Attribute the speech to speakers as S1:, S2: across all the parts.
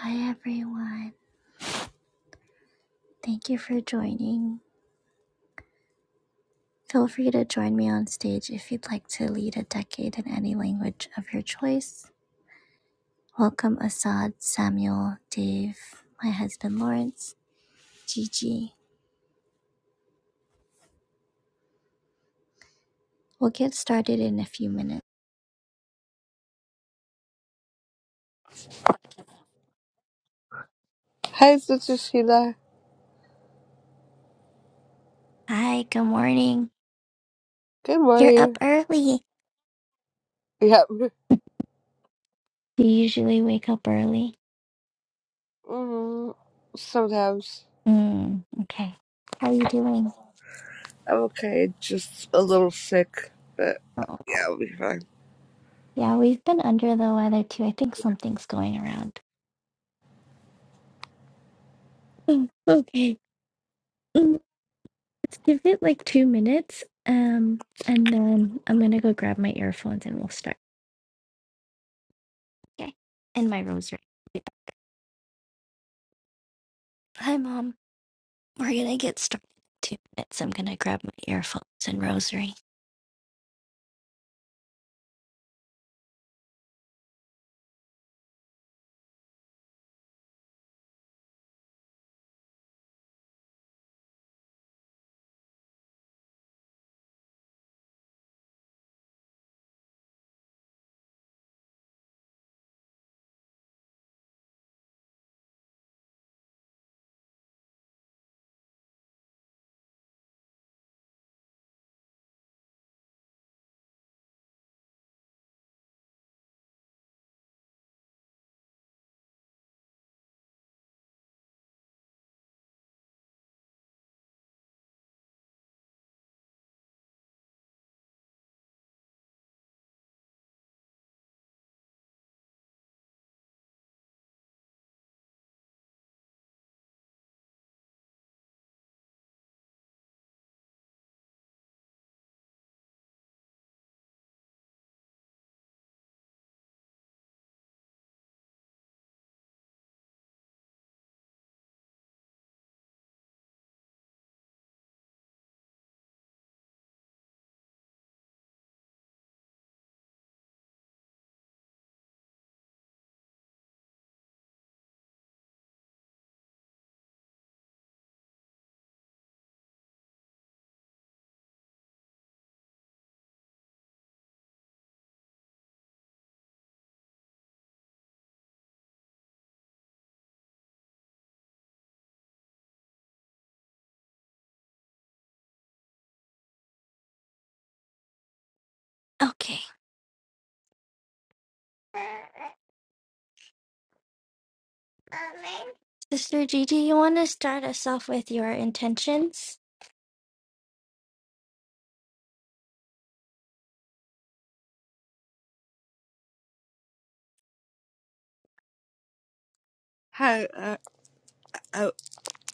S1: Hi, everyone. Thank you for joining. Feel free to join me on stage if you'd like to lead a decade in any language of your choice. Welcome, Assad, Samuel, Dave, my husband Lawrence, Gigi. We'll get started in a few minutes.
S2: Hi, Sister Sheila.
S1: Hi, good morning.
S2: Good
S1: You're up
S2: morning.
S1: early.
S2: Yep.
S1: You usually wake up early.
S2: Mm, sometimes
S1: Mm, okay. How are you doing?
S2: I'm okay, just a little sick, but
S1: Oh,
S2: yeah, I'll be fine.
S1: yeah, we've been under the weather too. I think something's going around. Mm, Okay. Let's give it like two minutes, um, and then I'm gonna go grab my earphones and we'll start. Okay. And my rosary. Hi, Mom. We're gonna get started in two minutes. I'm gonna grab my earphones and rosary. Okay. Sister Gigi, you want to start us off with your intentions?
S2: Hi, uh, I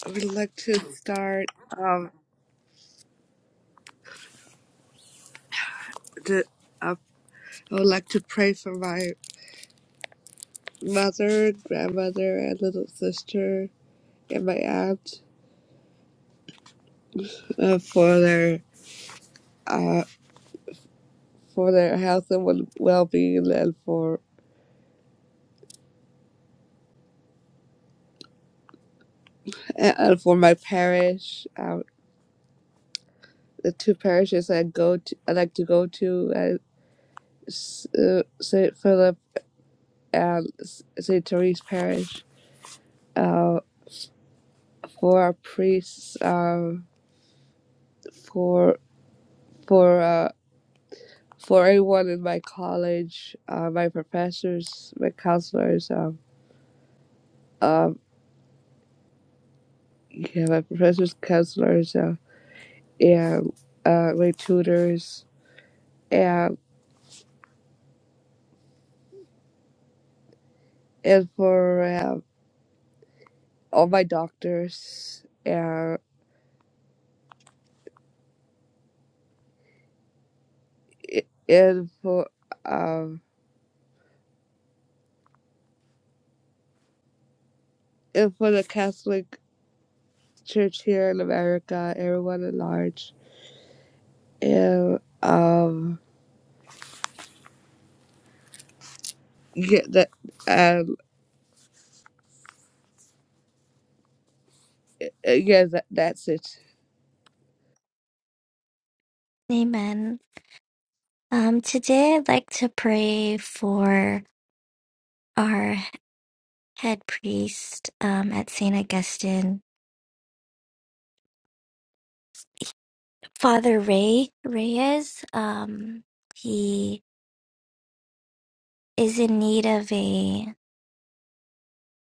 S2: I would like to start. Um, the, uh, I would like to pray for my mother, grandmother, and little sister, and my aunt uh, for their uh for their health and well being, and for and for my parish. Um, the two parishes I go to, I like to go to uh, S- uh, Saint Philip and S- Saint Therese Parish. Uh, for our priests, um, for for uh, for everyone in my college, uh, my professors, my counselors, um, um, yeah, my professors, counselors, uh, and uh, my tutors, and and for um all my doctors, and and for. um. and for the Catholic Church here in America, everyone at large. And um, yeah, that um, yeah, that, that's it.
S1: Amen. Um, today I'd like to pray for our head priest um, at St. Augustine Father Ray Reyes. Um, he is in need of a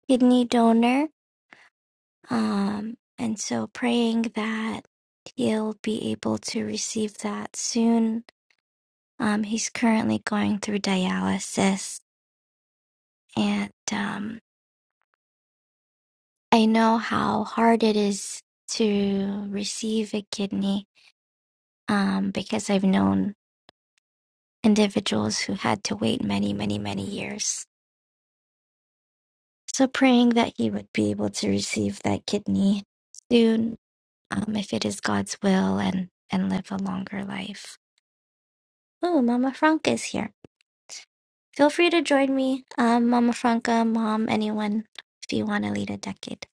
S1: kidney donor. Um, and so praying that he'll be able to receive that soon. Um, he's currently going through dialysis, and um, I know how hard it is to receive a kidney um, because I've known individuals who had to wait many, many, many years. So praying that he would be able to receive that kidney soon, um, if it is God's will, and and live a longer life. Oh, Mama Franca is here. Feel free to join me, um, Mama Franca, Mom, anyone, if you want to lead a decade.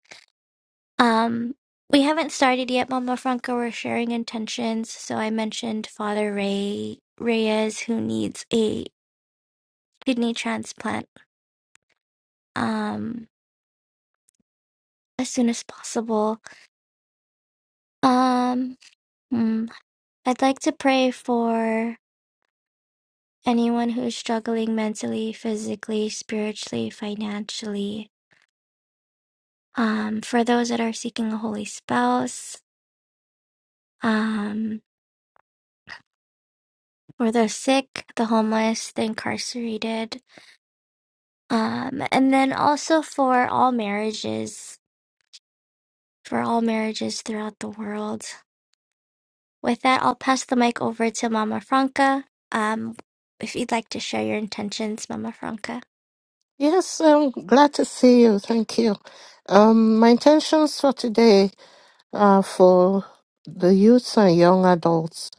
S1: Um, we haven't started yet, Mama Franca. We're sharing intentions. So I mentioned Father Ray Reyes, who needs a kidney transplant um, as soon as possible. Um, hmm. I'd like to pray for anyone who's struggling mentally, physically, spiritually, financially. Um, for those that are seeking a holy spouse, um, for the sick, the homeless, the incarcerated, um, and then also for all marriages, for all marriages throughout the world. With that, I'll pass the mic over to Mama Franca. Um, if you'd like to share your intentions, Mama Franca.
S3: Yes, I'm glad to see you. Thank you. Um, my intentions for today are for the youths and young adults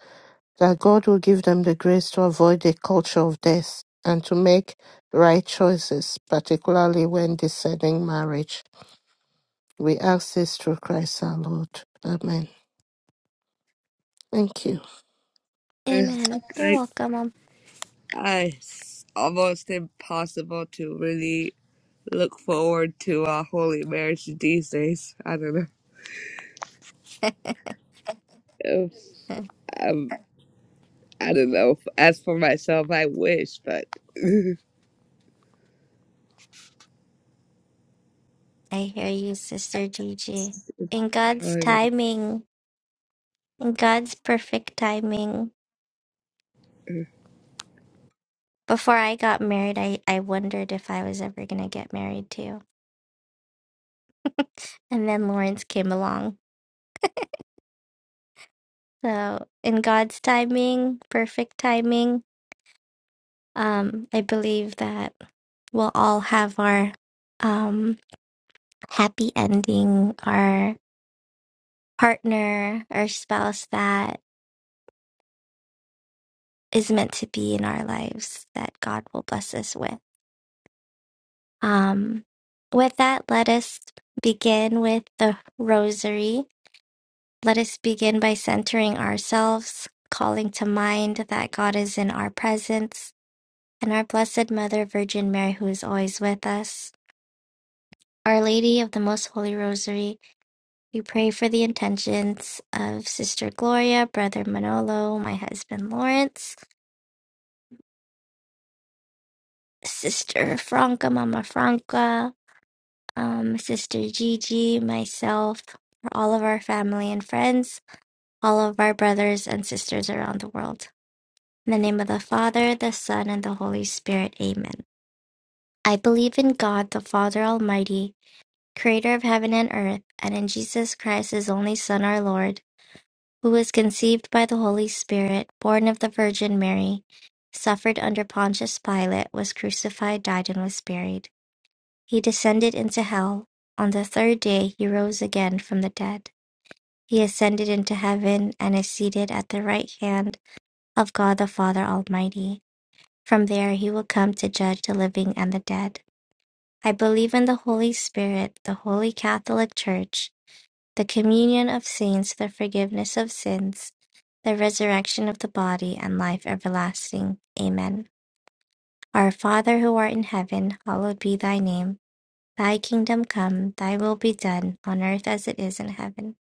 S3: that God will give them the grace to avoid the culture of death and to make right choices, particularly when deciding marriage. We ask this through Christ our Lord. Amen. Thank you.
S1: Amen. You're
S2: I,
S1: welcome,
S2: I, it's almost impossible to really look forward to a holy marriage these days. I don't know.
S1: Mom.
S2: If, um, I don't know. As for myself, I wish, but
S1: I hear you, Sister Gigi. In
S2: I
S1: God's
S2: don't know.
S1: timing, in God's perfect timing. Before I got married, I, I wondered if I was ever going to get married too. And then Lawrence came along. So, in God's timing, perfect timing, um, I believe that we'll all have our um, happy ending, our partner, our spouse that is meant to be in our lives that God will bless us with. Um, with that, let us begin with the rosary. Let us begin by centering ourselves, calling to mind that God is in our presence, and our Blessed Mother, Virgin Mary, who is always with us. Our Lady of the Most Holy Rosary, we pray for the intentions of Sister Gloria, Brother Manolo, my husband Lawrence, Sister Franca, Mama Franca, um, Sister Gigi, myself, all of our family and friends, all of our brothers and sisters around the world. In the name of the Father, the Son, and the Holy Spirit, amen. I believe in God, the Father Almighty, creator of heaven and earth, and in Jesus Christ, his only Son, our Lord, who was conceived by the Holy Spirit, born of the Virgin Mary, suffered under Pontius Pilate, was crucified, died, and was buried. He descended into hell. On the third day he rose again from the dead. He ascended into heaven and is seated at the right hand of God the Father Almighty. From there he will come to judge the living and the dead. I believe in the Holy Spirit, the Holy Catholic Church, the communion of saints, the forgiveness of sins, the resurrection of the body, and life everlasting. Amen. Our Father who art in heaven, hallowed be thy name. Thy kingdom come, thy will be done, on earth as it is in heaven.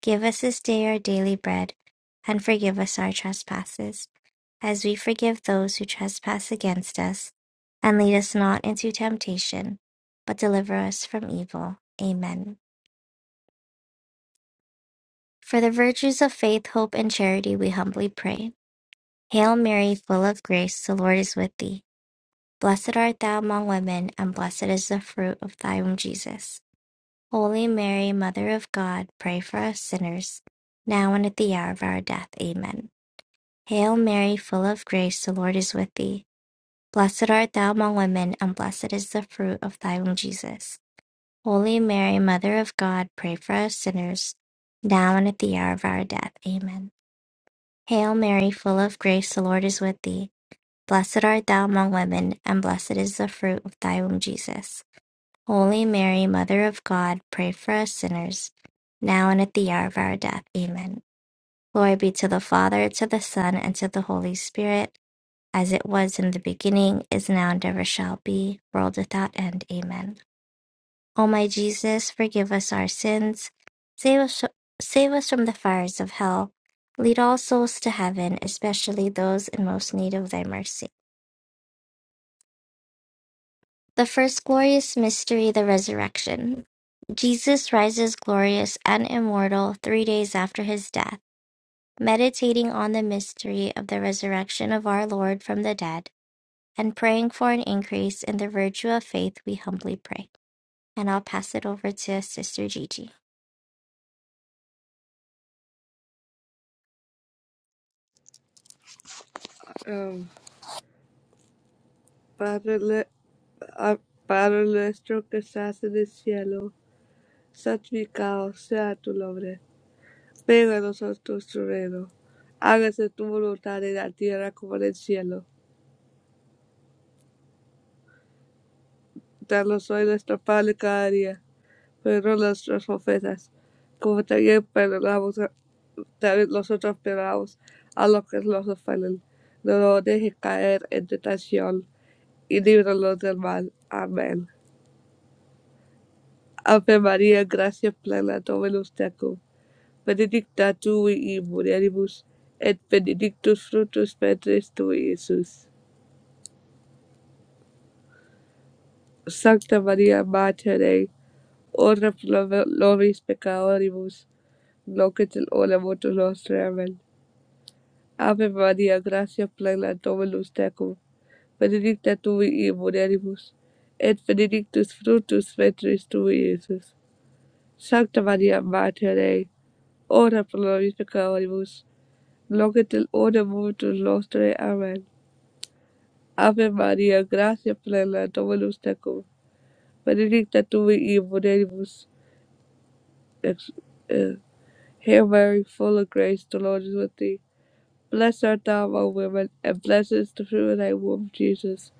S1: Give us this day our daily bread, and forgive us our trespasses, as we forgive those who trespass against us. And lead us not into temptation, but deliver us from evil. Amen. For the virtues of faith, hope, and charity, we humbly pray. Hail Mary, full of grace, the Lord is with thee. Blessed art thou among women, and blessed is the fruit of thy womb, Jesus. Holy Mary, Mother of God, pray for us sinners, now and at the hour of our death. Amen. Hail Mary, full of grace, the Lord is with thee. Blessed art thou among women, and blessed is the fruit of thy womb, Jesus. Holy Mary, Mother of God, pray for us sinners, now and at the hour of our death. Amen. Hail Mary, full of grace, the Lord is with thee. Blessed art thou among women, and blessed is the fruit of thy womb, Jesus. Holy Mary, Mother of God, pray for us sinners, now and at the hour of our death. Amen. Glory be to the Father, to the Son, and to the Holy Spirit, as it was in the beginning, is now, and ever shall be, world without end. Amen. O my Jesus, forgive us our sins, save us, save us from the fires of hell, lead all souls to heaven, especially those in most need of thy mercy. The first glorious mystery, the resurrection. Jesus rises glorious and immortal three days after his death, meditating on the mystery of the resurrection of our Lord from the dead and praying for an increase in the virtue of faith, we humbly pray. And I'll pass it over to Sister Gigi.
S2: Um, fatherless, uh, fatherless drunk assassin is yellow. santificado sea tu nombre, venga a nosotros tu reino, hágase tu voluntad en la tierra como en el cielo. Danos hoy nuestro pan cada día, perdona nuestras ofensas, como también perdonamos, a- también nosotros perdonamos a los que nos ofenden. No nos dejes caer en tentación y líbranos del mal. Amén. Ave María, gracia plena, Dominus tecum benedicta tu e in mulieribus, et benedictus fructus ventris tui, Iesus. Sancta Maria, Mater Dei, ora pro nobis peccatoribus, nunc et in hora mortis nostre. Amen. Ave Maria, gratia plena Dominus tecum, benedicta tu e in mulieribus, et benedictus fructus ventris tui, Iesus. Sancta Maria, Mater Dei, ora pro nobis peccatoribus, nunc et in hora mortis nostre. Amen. Ave Maria, gracia plena, Dominus tecum, benedicta tu in mulieribus, ex, eh, Hail Mary, full of grace, the Lord is with thee. Blessed art thou among women, and blessed is the fruit of thy womb, Jesus.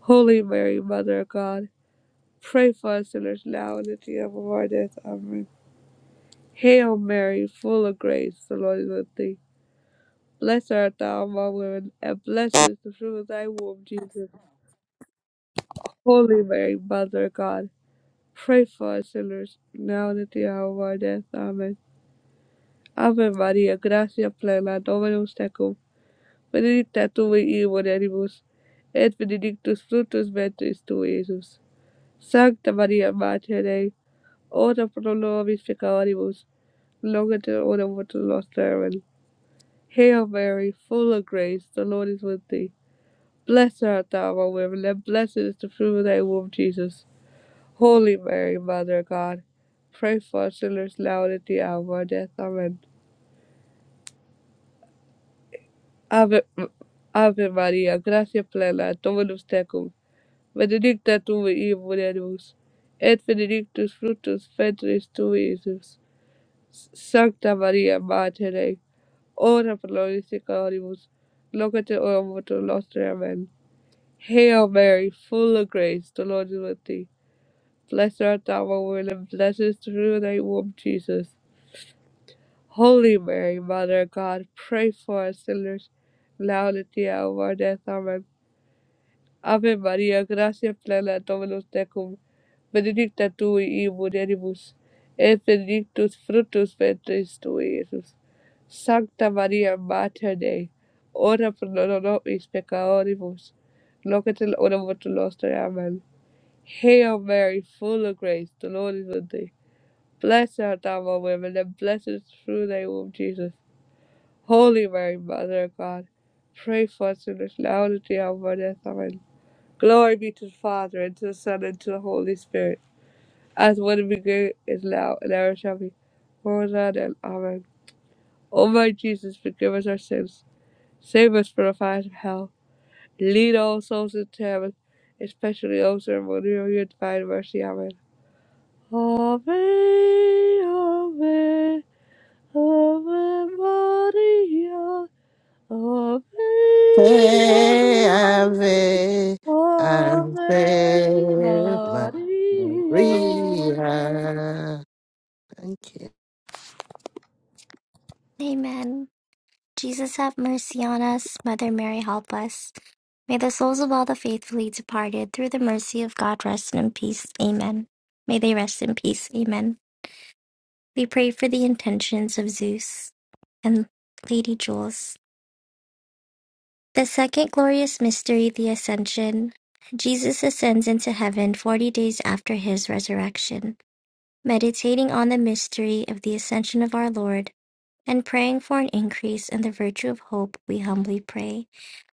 S2: Holy Mary, Mother of God, pray for us sinners now and at the hour of our death. Amen. Hail Mary, full of grace, the Lord is with thee. Blessed art thou among women, and blessed is the fruit of thy womb, Jesus. Holy Mary, Mother of God, Pray for us sinners, now and at the hour of our death. Amen. Ave Maria, gratia plena, Dominus tecum. Benedicta tu in mulieribus, et benedictus fructus ventris tu, Iesus. Sancta Maria, Mater Dei, ora pro nobis peccatoribus, nunc et in hora mortis nostrae. Amen. Hail Mary, full of grace, the Lord is with thee. Blessed art thou among women, and blessed is the fruit of thy womb, Jesus. Holy Mary, Mother of God, pray for us sinners now and at the hour of our death. Amen. Ave, Ave Maria, gracia plena, Dominus tecum, benedicta tu in mulieribus, et benedictus fructus ventris tui, Iesus. S- Sancta Maria, Mater Dei, ora pro nobis peccatoribus, locate ora mortis nostre. Amen. Hail Mary, full of grace, the Lord is with thee. Blessed art thou among women, and blessed is the fruit of thy womb, Jesus. Holy Mary, Mother of God, pray for us sinners, now and at the hour of our death. Amen. Ave Maria, gracia plena, Dominus tecum, benedicta tu in mulieribus, et benedictus fructus ventris tui, Iesus. Sancta Maria, Mater Dei, ora pro nobis peccatoribus, nunc et in hora mortis nostrae. Amen. Hail Mary, full of grace, the Lord is with thee. Blessed art thou among women, and blessed is the fruit of thy womb, Jesus. Holy Mary, Mother of God, pray for us sinners now and at the hour of our death. Amen. Glory be to the Father, and to the Son, and to the Holy Spirit, as when it began, is now, and ever shall be, world without end. Amen. O my Jesus, forgive us our sins, save us from the fires of hell, lead all souls into heaven, especially those who are in need of your divine mercy. Amen. Ave, Ave, Ave Maria. Ave, Ave,
S3: Hey, Ave, Ave
S2: Ave Maria.
S3: Maria. Thank you.
S1: Amen. Jesus, have mercy on us. Mother Mary, help us. May the souls of all the faithfully departed, through the mercy of God, rest in peace. Amen. May they rest in peace. Amen. We pray for the intentions of Zeus and Lady Jules. The second glorious mystery, the Ascension. Jesus ascends into heaven 40 days after his resurrection. Meditating on the mystery of the ascension of our Lord and praying for an increase in the virtue of hope, we humbly pray.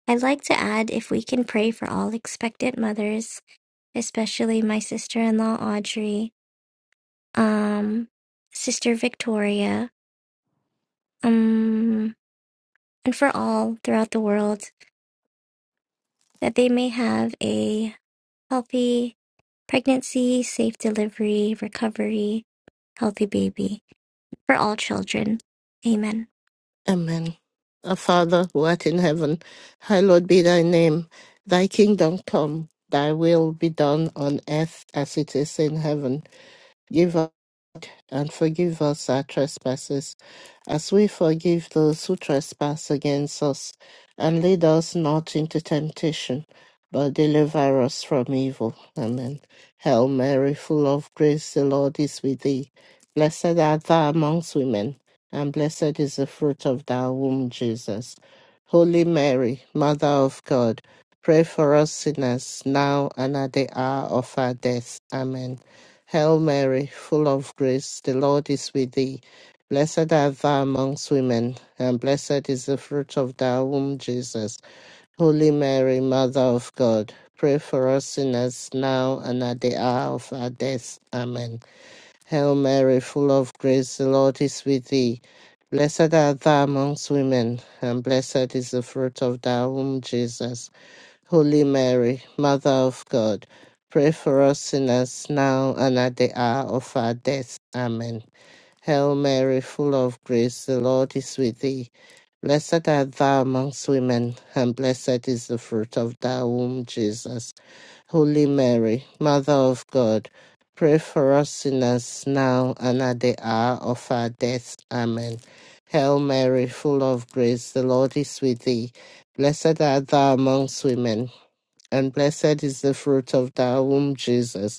S1: I'd like to add if we can pray for all expectant mothers, especially my sister in law Audrey, um, Sister Victoria, um, and for all throughout the world that they may have a healthy pregnancy, safe delivery, recovery, healthy baby for all children. Amen.
S3: Amen. Our Father, who art in heaven, hallowed be thy name. Thy kingdom come, thy will be done on earth as it is in heaven. Give us and forgive us our trespasses, as we forgive those who trespass against us. And lead us not into temptation, but deliver us from evil. Amen. Hail Mary, full of grace, the Lord is with thee. Blessed art thou amongst women, and blessed is the fruit of thy womb, Jesus. Holy Mary, Mother of God, pray for us sinners, now and at the hour of our death. Amen. Hail Mary, full of grace, the Lord is with thee. Blessed art thou amongst women, and blessed is the fruit of thy womb, Jesus. Holy Mary, Mother of God, pray for us sinners now and at the hour of our death. Amen. Hail Mary, full of grace, the Lord is with thee. Blessed art thou amongst women, and blessed is the fruit of thy womb, Jesus. Holy Mary, Mother of God, pray for us sinners now and at the hour of our death. Amen. Hail Mary, full of grace, the Lord is with thee. Blessed art thou amongst women, and blessed is the fruit of thy womb, Jesus. Holy Mary, Mother of God, pray for us sinners now and at the hour of our death. Amen. Hail Mary, full of grace, the Lord is with thee. Blessed art thou amongst women and blessed is the fruit of thy womb, Jesus.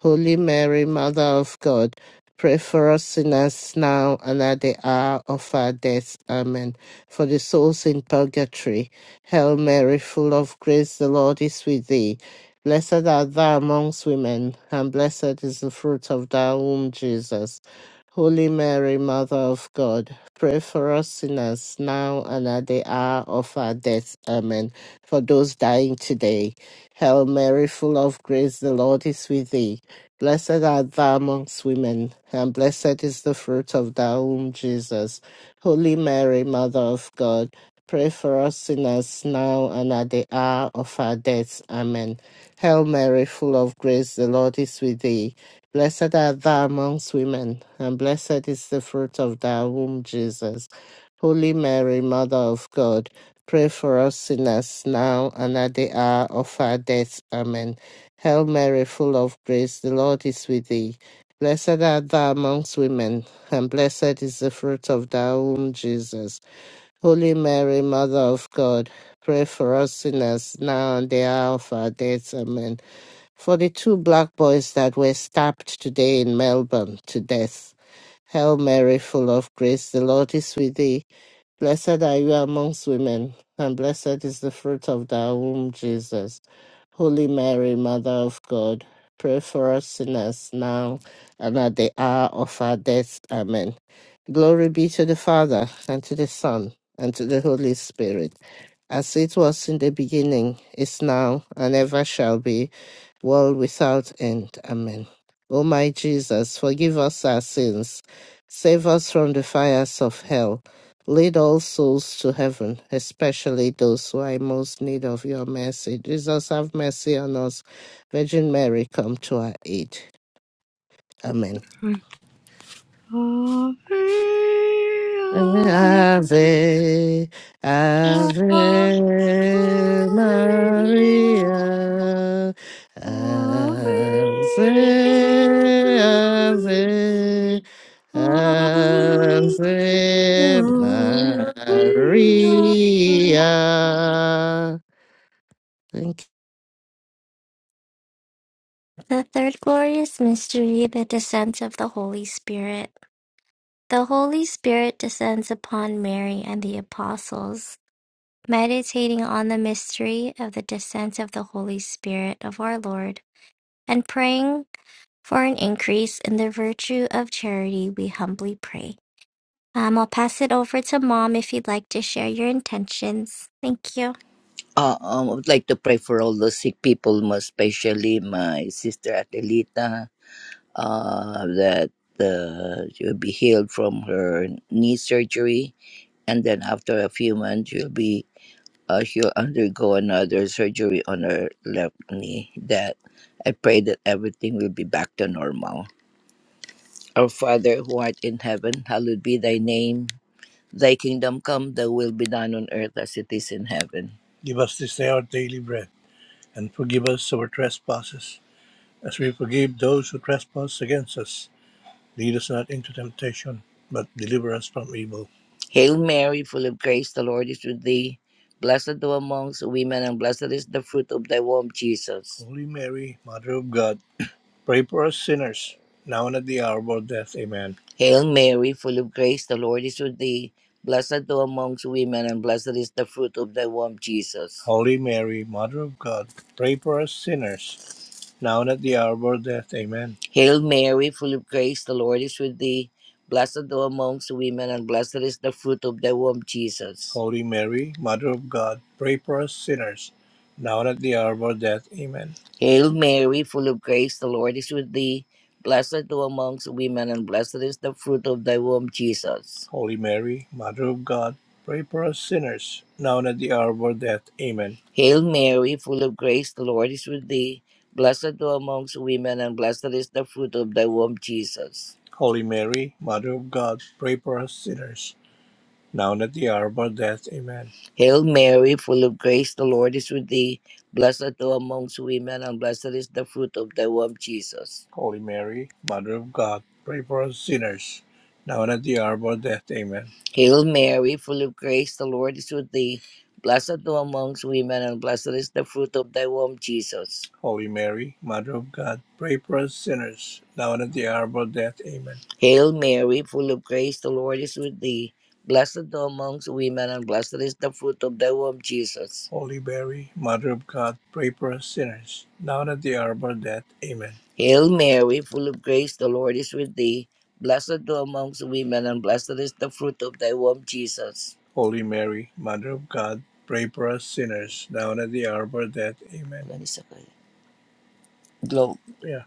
S3: Holy Mary, Mother of God, pray for us sinners now and at the hour of our death. Amen. For the souls in purgatory, Hail Mary, full of grace, the Lord is with thee. Blessed art thou amongst women, and blessed is the fruit of thy womb, Jesus. Holy Mary, Mother of God, pray for us sinners now and at the hour of our death. Amen. For those dying today, Hail Mary, full of grace, the Lord is with thee. Blessed art thou amongst women, and blessed is the fruit of thy womb, Jesus. Holy Mary, Mother of God, pray for us sinners now and at the hour of our death. Amen. Hail Mary, full of grace, the Lord is with thee. Blessed art thou amongst women, and blessed is the fruit of thy womb, Jesus. Holy Mary, Mother of God, pray for us sinners now and at the hour of our death. Amen. Hail Mary, full of grace, the Lord is with thee. Blessed art thou amongst women, and blessed is the fruit of thy womb, Jesus. Holy Mary, Mother of God, pray for us sinners now and the hour of our death. Amen. For the two black boys that were stabbed today in Melbourne to death. Hail Mary, full of grace, the Lord is with thee. Blessed are you amongst women, and blessed is the fruit of thy womb, Jesus. Holy Mary, Mother of God, pray for us sinners now and at the hour of our death. Amen. Glory be to the Father, and to the Son, and to the Holy Spirit, as it was in the beginning, is now, and ever shall be, world without end. Amen. O my Jesus, forgive us our sins, save us from the fires of hell, lead all souls to heaven, especially those who are in most need of your mercy. Jesus, have mercy on us. Virgin Mary, come to our aid. Amen.
S2: Ave, Ave,
S3: Ave,
S2: Ave
S3: Ave
S2: Maria.
S3: Maria,
S2: Ave,
S3: Ave, Ave,
S2: Ave,
S3: Ave
S2: Ave Maria.
S3: Maria. Thank you.
S1: The third glorious mystery, the descent of the Holy Spirit. The Holy Spirit descends upon Mary and the apostles. Meditating on the mystery of the descent of the Holy Spirit of our Lord and praying for an increase in the virtue of charity, we humbly pray. Um, I'll pass it over to mom if you'd like to share your intentions. Thank you.
S4: Uh, um, I would like to pray for all the sick people, most especially my sister Atelita, uh, that uh, she will be healed from her knee surgery, and then after a few months, she'll be uh, she'll undergo another surgery on her left knee. That I pray that everything will be back to normal. Our Father who art in heaven, hallowed be thy name. Thy kingdom come. Thy will be done on earth as it is in heaven. Give us this day our daily bread and forgive us our trespasses, as we forgive those who trespass against us. Lead us not into temptation, but deliver us from evil. Hail Mary, full of grace, the Lord is with thee. Blessed thou amongst women, and blessed is the fruit of thy womb, Jesus. Holy Mary, Mother of God, Pray for us sinners, now and at the hour of our death. Amen. Hail Mary, full of grace, the Lord is with thee. Blessed thou amongst women, and blessed is the fruit of thy womb, Jesus. Holy Mary, Mother of God, pray for us sinners, now and at the hour of our death. Amen. Hail Mary, full of grace, the Lord is with thee. Blessed thou amongst women, and blessed is the fruit of thy womb, Jesus. Holy Mary, Mother of God, pray for us sinners, now and at the hour of our death. Amen. Hail Mary, full of grace, the Lord is with thee. Blessed thou amongst women, and blessed is the fruit of thy womb, Jesus. Holy Mary, Mother of God, pray for us sinners, now and at the hour of our death. Amen. Hail Mary, full of grace, the Lord is with thee. Blessed thou amongst women, and blessed is the fruit of thy womb, Jesus. Holy Mary, Mother of God, pray for us sinners, now and at the hour of our death. Amen. Hail Mary, full of grace, the Lord is with thee. Blessed art thou amongst women, and blessed is the fruit of thy womb, Jesus. Holy Mary, Mother of God, pray for us sinners, now and at the hour of our death. Amen. Hail Mary, full of grace, the Lord is with thee. Blessed art thou amongst women, and blessed is the fruit of thy womb, Jesus. Holy Mary, Mother of God, pray for us sinners, now and at the hour of our death. Amen. Hail Mary, full of grace, the Lord is with thee. Blessed thou amongst women, and blessed is the fruit of thy womb, Jesus. Holy Mary, Mother of God, pray for us sinners, now and at the hour of our death. Amen. Hail Mary, full of grace, the Lord is with thee. Blessed thou amongst women, and blessed is the fruit of thy womb, Jesus. Holy Mary, Mother of God, pray for us sinners, now and at the hour of our death. Amen. Ganisa kayo. Globe. Yeah.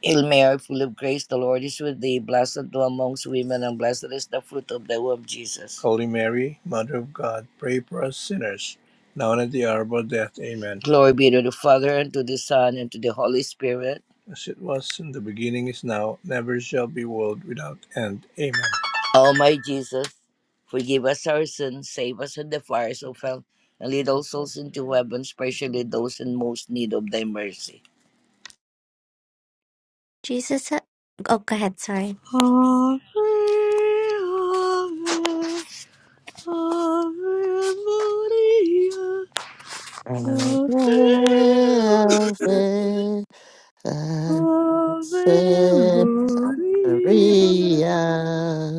S4: Hail Mary, full of grace, the Lord is with thee. Blessed thou amongst women, and blessed is the fruit of the womb, Jesus. Holy Mary, Mother of God, pray for us sinners, now and at the hour of our death. Amen. Glory be to the Father, and to the Son, and to the Holy Spirit. As it was in the beginning, is now, never shall be, world without end. Amen. O my Jesus, forgive us our sins, save us from the fires of hell, and lead all souls into heaven, especially those in most need of thy mercy.
S1: Jesus, ha- oh, go ahead. Sorry.
S2: Ave, Ave. Ave Maria, Ave,
S3: Ave,
S2: Ave
S3: Ave
S2: Maria.
S3: Maria.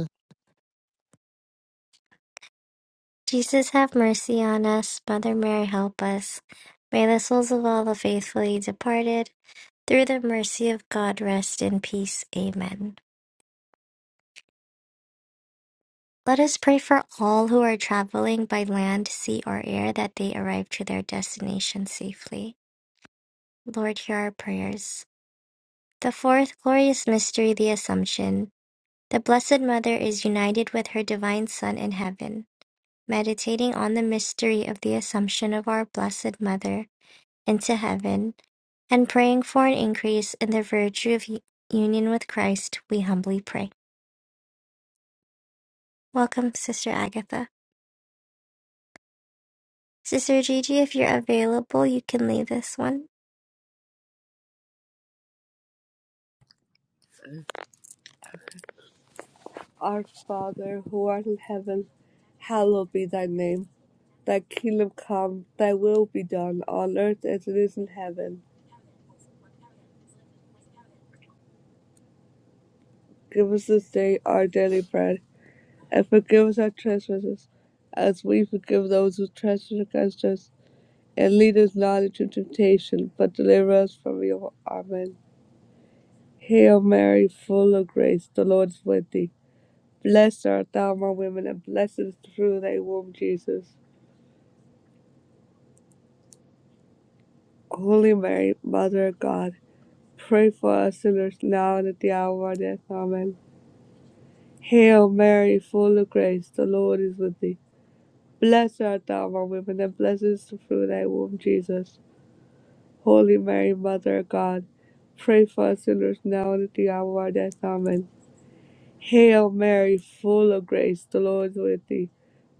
S1: Jesus, have mercy on us. Mother Mary, help us. May the souls of all the faithfully departed, through the mercy of God, rest in peace. Amen. Let us pray for all who are traveling by land, sea, or air that they arrive to their destination safely. Lord, hear our prayers. The fourth glorious mystery, the Assumption. The Blessed Mother is united with her Divine Son in heaven, meditating on the mystery of the Assumption of our Blessed Mother into heaven, and praying for an increase in the virtue of union with Christ, we humbly pray. Welcome, Sister Agatha. Sister Gigi, if you're available, you can lead this one.
S2: Our Father, who art in heaven, hallowed be thy name. Thy kingdom come, thy will be done, on earth as it is in heaven. Give us this day our daily bread, and forgive us our trespasses, as we forgive those who trespass against us. And lead us not into temptation, but deliver us from evil. Amen. Hail Mary, full of grace, the Lord is with thee. Blessed art thou among women, and blessed is the fruit of thy womb, Jesus. Holy Mary, Mother of God, pray for us sinners now and at the hour of our death. Amen. Hail Mary, full of grace, the Lord is with thee. Blessed art thou among women, and blessed is the fruit of thy womb, Jesus. Holy Mary, Mother of God, pray for us sinners now and at the hour of our death. Amen. Hail Mary, full of grace, the Lord is with thee.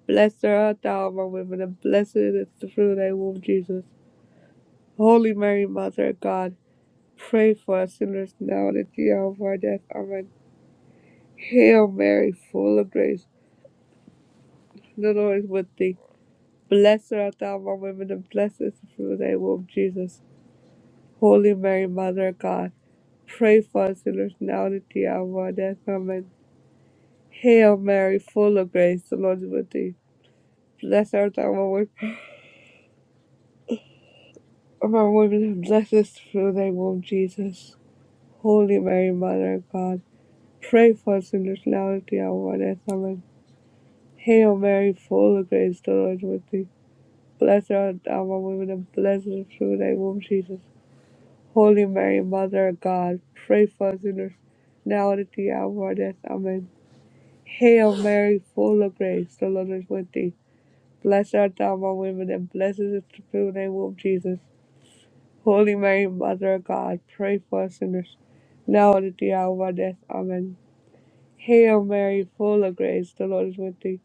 S2: Blessed art thou among women, and blessed is the fruit of thy womb, Jesus. Holy Mary, Mother of God, pray for us sinners now and at the hour of our death. Amen. Hail Mary, full of grace, the Lord is with thee. Blessed art thou among women, and blessed is the fruit of thy womb, Jesus. Holy Mary, Mother of God, pray for us sinners now and at the hour of our death. Amen. Hail Mary, full of grace, the Lord is with thee. Blessed art thou among women, among women, and blessed is the fruit of thy womb, Jesus. Holy Mary, Mother of God, pray for us sinners now and at the hour of our death. Amen. Hail Mary, full of grace, the Lord is with thee. Blessed art thou among women, and blessed is the fruit of thy womb, Jesus. Holy Mary, Mother of God, pray for us sinners now and at the hour of our death. Amen. Hail Mary, full of grace, the Lord is with thee. Blessed art thou among women, and blessed is the fruit of thy womb, Jesus. Holy Mary, Mother of God, pray for us sinners now and at the hour of our death. Amen. Hail Mary, full of grace, the Lord is with thee.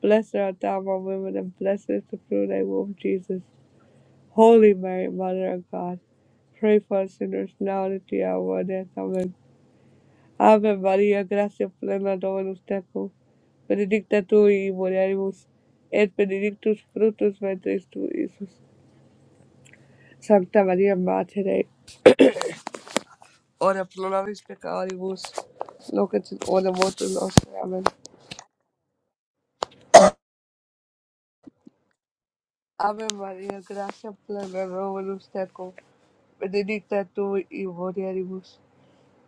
S2: Blessed art thou among women, and blessed is the fruit of thy womb, Jesus. Holy Mary, Mother of God, pray for us sinners now and at the hour of our death. Amen. Ave Maria, gracia plena, Dominus tecum. Benedicta tu in mulieribus, et benedictus fructus ventris tu, Iesus. Sancta Maria, Mater Dei, ora pro nobis peccatoribus, nunc et in hora mortis nostre. Amen. Ave Maria, gracia plena, Dominus tecum. Benedicta tu in mulieribus,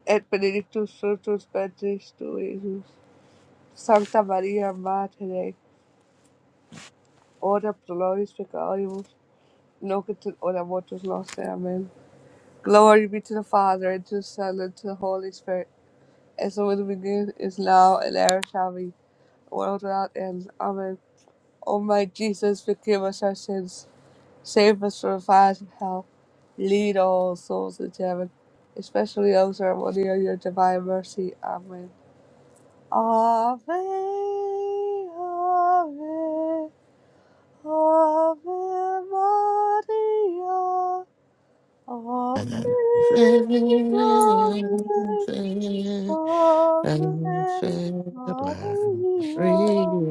S2: et benedictus fructus ventris tu, Iesus. Sancta Maria, Mater Dei, ora pro nobis peccatoribus, nunc et in hora mortis nostrae. Amen. Glory be to the Father, and to the Son, and to the Holy Spirit, as it was in the beginning, is now, and ever shall be, world without end. Amen. O my Jesus, forgive us our sins Save us from fires of hell. Lead all souls into heaven, especially those who are worthy of your divine mercy. Amen. Ave, Ave, Ave Maria. Ave,
S3: Our Father
S2: Ave, Ave Maria.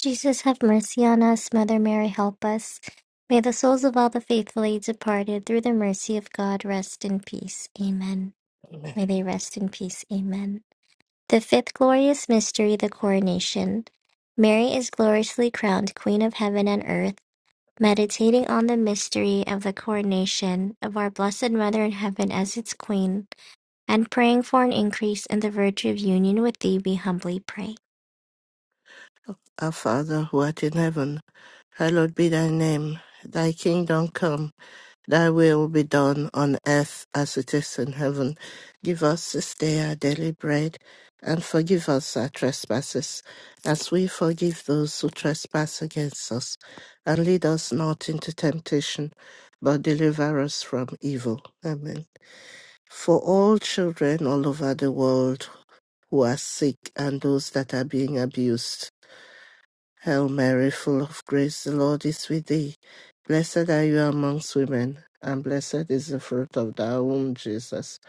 S1: Jesus, have mercy on us. Mother Mary, help us. May the souls of all the faithfully departed, through the mercy of God, rest in peace. Amen. May they rest in peace. Amen. The fifth glorious mystery, the coronation. Mary is gloriously crowned Queen of heaven and earth, meditating on the mystery of the coronation of our Blessed Mother in heaven as its Queen, and praying for an increase in the virtue of union with thee, we humbly pray.
S3: who art in heaven, hallowed be thy name. Thy kingdom come. Thy will be done on earth as it is in heaven. Give us this day our daily bread, and forgive us our trespasses, as we forgive those who trespass against us. And lead us not into temptation, but deliver us from evil. Amen. For all children all over the world who are sick and those that are being abused, Hail Mary, full of grace, the Lord is with thee. Blessed are you amongst women, and blessed is the fruit of thy womb, Jesus.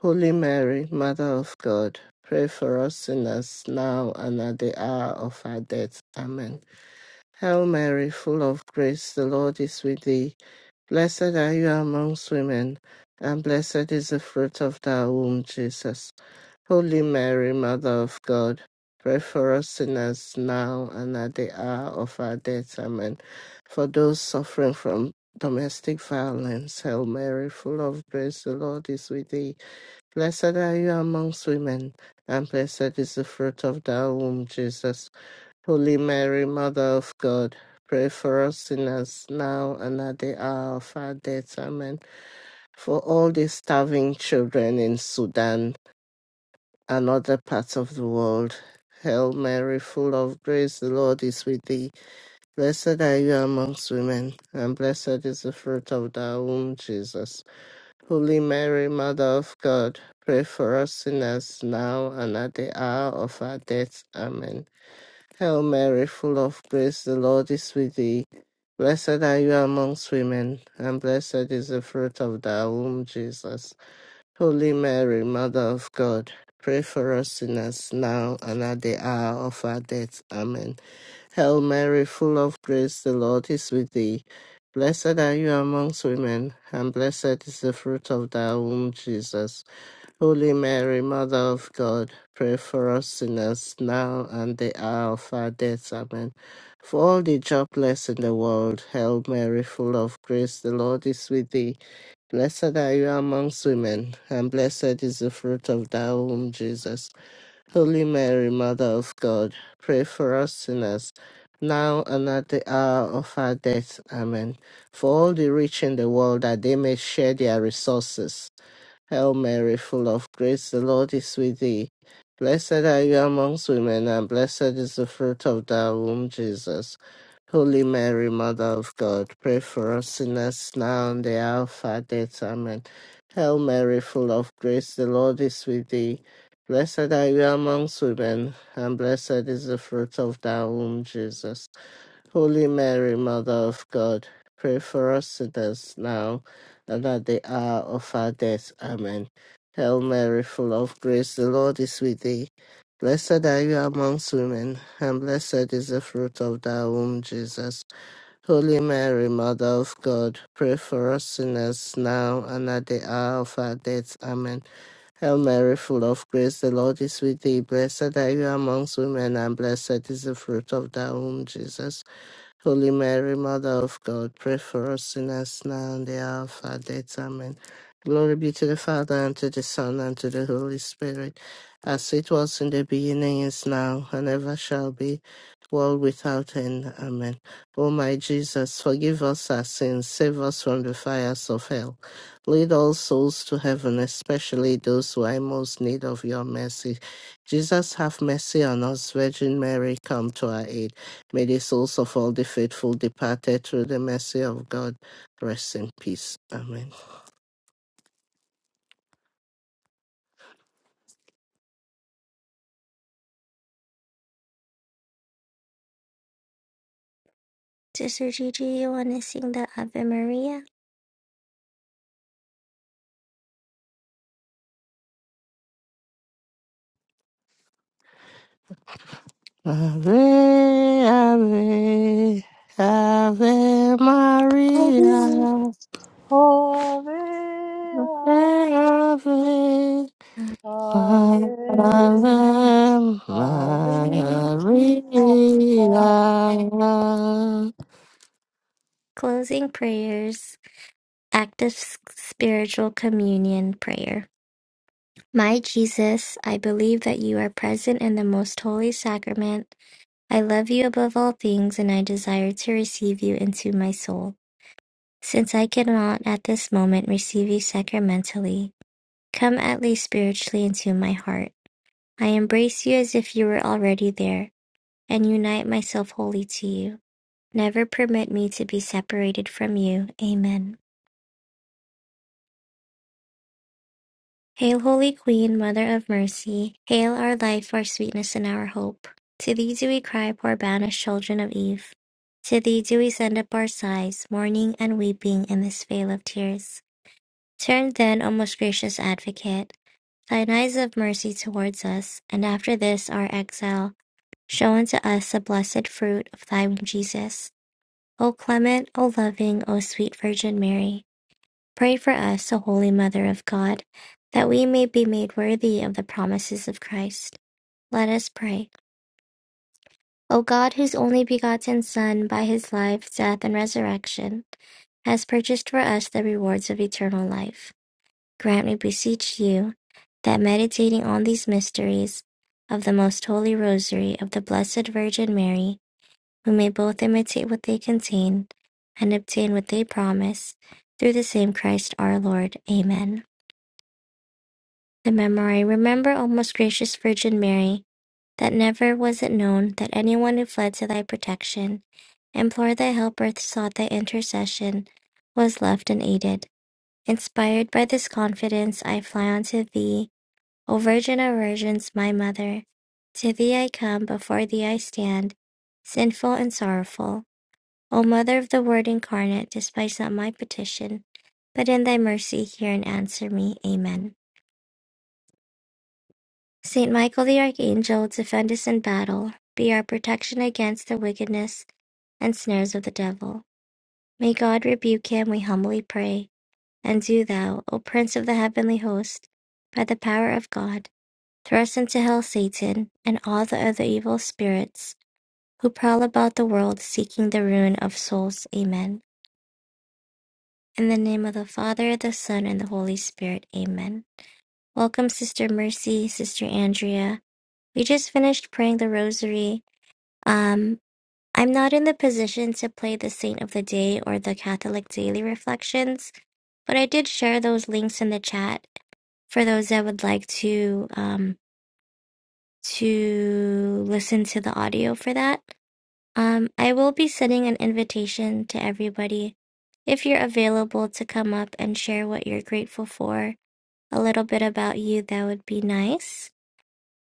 S3: Holy Mary, Mother of God, pray for us sinners now and at the hour of our death. Amen. Hail Mary, full of grace, the Lord is with thee. Blessed are you amongst women, and blessed is the fruit of thy womb, Jesus. Holy Mary, Mother of God, pray for us sinners now and at the hour of our death. Amen. For those suffering from domestic violence, Hail Mary, full of grace, the Lord is with thee. Blessed are you amongst women, and blessed is the fruit of thy womb, Jesus. Holy Mary, Mother of God, pray for us sinners now and at the hour of our death. Amen. For all the starving children in Sudan, and other parts of the world. Hail Mary, full of grace, the Lord is with thee. Blessed are you amongst women, and blessed is the fruit of thy womb, Jesus. Holy Mary, Mother of God, pray for us sinners now and at the hour of our death. Amen. Hail Mary, full of grace, the Lord is with thee. Blessed are you amongst women, and blessed is the fruit of thy womb, Jesus. Holy Mary, Mother of God, pray for us sinners now and at the hour of our death. Amen. Hail Mary, full of grace, the Lord is with thee. Blessed are you amongst women, and blessed is the fruit of thy womb, Jesus. Holy Mary, Mother of God, pray for us sinners now and the hour of our death. Amen. For all the jobless in the world, Hail Mary, full of grace, the Lord is with thee. Blessed are you amongst women, and blessed is the fruit of thy womb, Jesus. Holy Mary, Mother of God, pray for us sinners, now and at the hour of our death. Amen. For all the rich in the world, that they may share their resources. Hail Mary, full of grace, the Lord is with thee. Blessed are you amongst women, and blessed is the fruit of thy womb, Jesus. Holy Mary, Mother of God, pray for us sinners now and the hour of our death. Amen. Hail Mary, full of grace, the Lord is with thee. Blessed are you amongst women, and blessed is the fruit of thy womb, Jesus. Holy Mary, Mother of God, pray for us sinners now and at the hour of our death. Amen. Hail Mary, full of grace, the Lord is with thee. Blessed are you amongst women, and blessed is the fruit of thy womb, Jesus. Holy Mary, Mother of God, pray for us sinners now and at the hour of our death. Amen. Hail Mary, full of grace, the Lord is with thee. Blessed are you amongst women, and blessed is the fruit of thy womb, Jesus. Holy Mary, Mother of God, pray for us sinners now and the hour of our death. Amen. Glory be to the Father, and to the Son, and to the Holy Spirit, as it was in the beginning, is now, and ever shall be, world without end. Amen. O my Jesus, forgive us our sins, save us from the fires of hell. Lead all souls to heaven, especially those who are in most need of your mercy. Jesus, have mercy on us. Virgin Mary, come to our aid. May the souls of all the faithful departed through the mercy of God rest in peace. Amen.
S1: Sister Gigi, you want to sing the Ave Maria?
S3: Ave, Ave, Ave Maria,
S2: Ave,
S3: Ave, Ave Maria.
S1: Uh,
S3: Hello,
S2: Ave, Ave.
S1: Closing prayers, active s- spiritual communion prayer. My Jesus, I believe that you are present in the most holy sacrament I love you above all things, and I desire to receive you into my soul. Since I cannot at this moment receive you sacramentally, come at least spiritually into my heart. I embrace you as if you were already there, and unite myself wholly to you. Never permit me to be separated from you. Amen. Hail, Holy Queen, Mother of Mercy, hail our life, our sweetness, and our hope. To thee do we cry, poor banished children of Eve. To thee do we send up our sighs, mourning and weeping in this vale of tears. Turn then, O most gracious advocate, thine eyes of mercy towards us, and after this our exile, show unto us the blessed fruit of thy womb, Jesus. O clement, O loving, O sweet Virgin Mary. Pray for us, O Holy Mother of God, that we may be made worthy of the promises of Christ. Let us pray. O God, whose only begotten Son, by his life, death, and resurrection, has purchased for us the rewards of eternal life, grant, we beseech you, that meditating on these mysteries of the most holy rosary of the Blessed Virgin Mary, we may both imitate what they contain and obtain what they promise, through the same Christ our Lord. Amen. The Memorye: Remember, O most gracious Virgin Mary, that never was it known that anyone who fled to thy protection, implored thy help or sought thy intercession, was left unaided. Inspired by this confidence, I fly unto thee, O Virgin of Virgins, my Mother. To thee I come, before thee I stand, sinful and sorrowful. O Mother of the Word incarnate, despise not my petition, but in thy mercy hear and answer me. Amen. Saint Michael the Archangel, defend us in battle. Be our protection against the wickedness and snares of the devil. May God rebuke him, we humbly pray. And do thou, O Prince of the heavenly host, by the power of God, thrust into hell Satan and all the other evil spirits who prowl about the world seeking the ruin of souls. Amen. In the name of the Father, the Son, and the Holy Spirit. Amen. Welcome, Sister Mercy, Sister Andrea. We just finished praying the rosary Um, I'm not in the position to play the Saint of the Day or the Catholic Daily Reflections, but I did share those links in the chat for those that would like to um, to listen to the audio for that. Um, I will be sending an invitation to everybody if you're available to come up and share what you're grateful for, a little bit about you. That would be nice.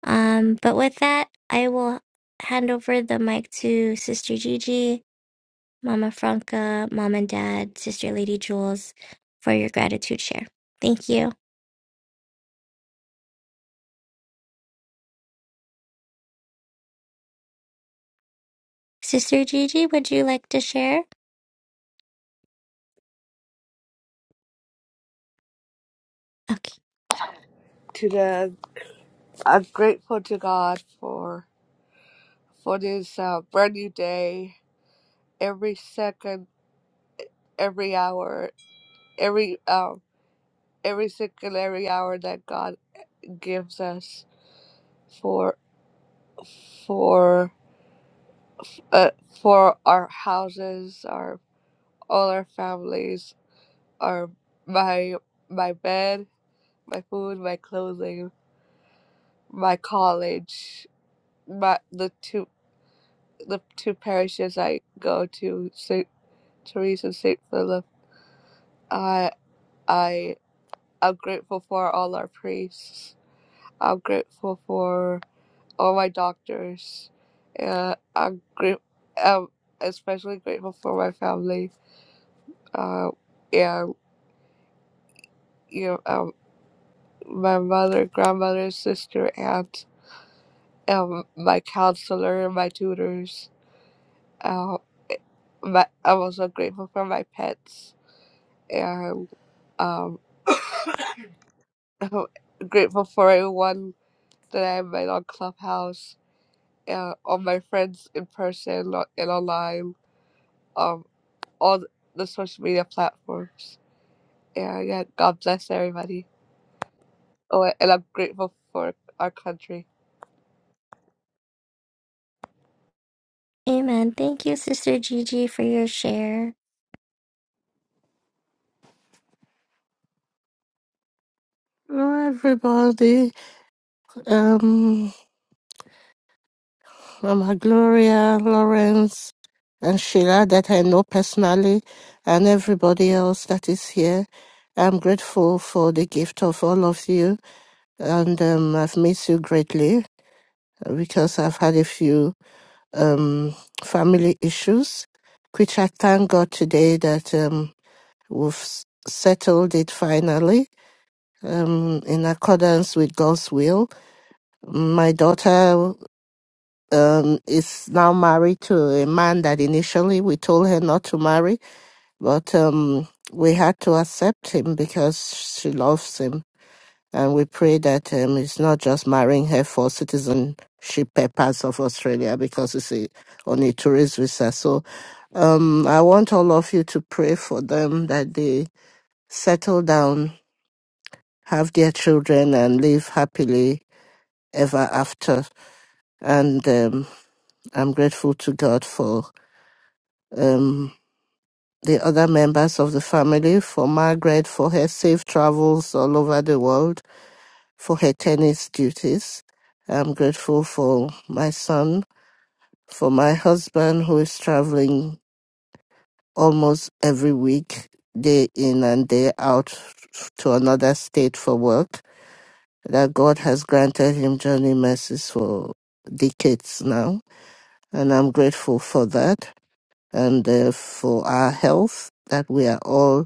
S1: Um, but with that, I will hand over the mic to Sister Gigi Mama Franca, Mom and Dad, Sister Lady Jules, for your gratitude share. Thank you. Sister Gigi, would you like to share? Okay.
S2: To the, I'm grateful to God for for this uh, brand new day. Every second, every hour, every um, every second, every hour that God gives us for for uh, for our houses, our all our families, our my my bed, my food, my clothing, my college, my the two. the two parishes I go to, St. Therese and St. Philip, I I I'm grateful for all our priests. I'm grateful for all my doctors. Uh, I'm gr- um, especially grateful for my family. Uh, yeah, you know, um, my mother, grandmother, sister, aunt, um, my counselor, my tutors. Um, my, I'm also grateful for my pets. Uh, Um, I'm grateful for everyone that I met on Clubhouse, uh, all my friends in person on- and online, um, all the social media platforms. Yeah, yeah, God bless everybody. Oh, a- and I'm grateful for our country.
S1: Amen. Thank you, Sister Gigi, for your share.
S3: Everybody, um. Mama Gloria, Lawrence, and Sheila that I know personally, and everybody else that is here. I'm grateful for the gift of all of you, and um, I've missed you greatly because I've had a few um, family issues, which I thank God today that um, we've s- settled it finally um, in accordance with God's will. My daughter um, is now married to a man that initially we told her not to marry, but um, we had to accept him because she loves him. And we pray that um, it's not just marrying her for citizenship purpose of Australia because it's a, on a tourist visa. So um, I want all of you to pray for them that they settle down, have their children, and live happily ever after. And um, I'm grateful to God for um, the other members of the family, for Margaret for her safe travels all over the world, for her tennis duties. I'm grateful for my son, for my husband who is traveling almost every week, day in and day out to another state for work, that God has granted him journey mercies for decades now. And I'm grateful for that and uh, for our health, that we are all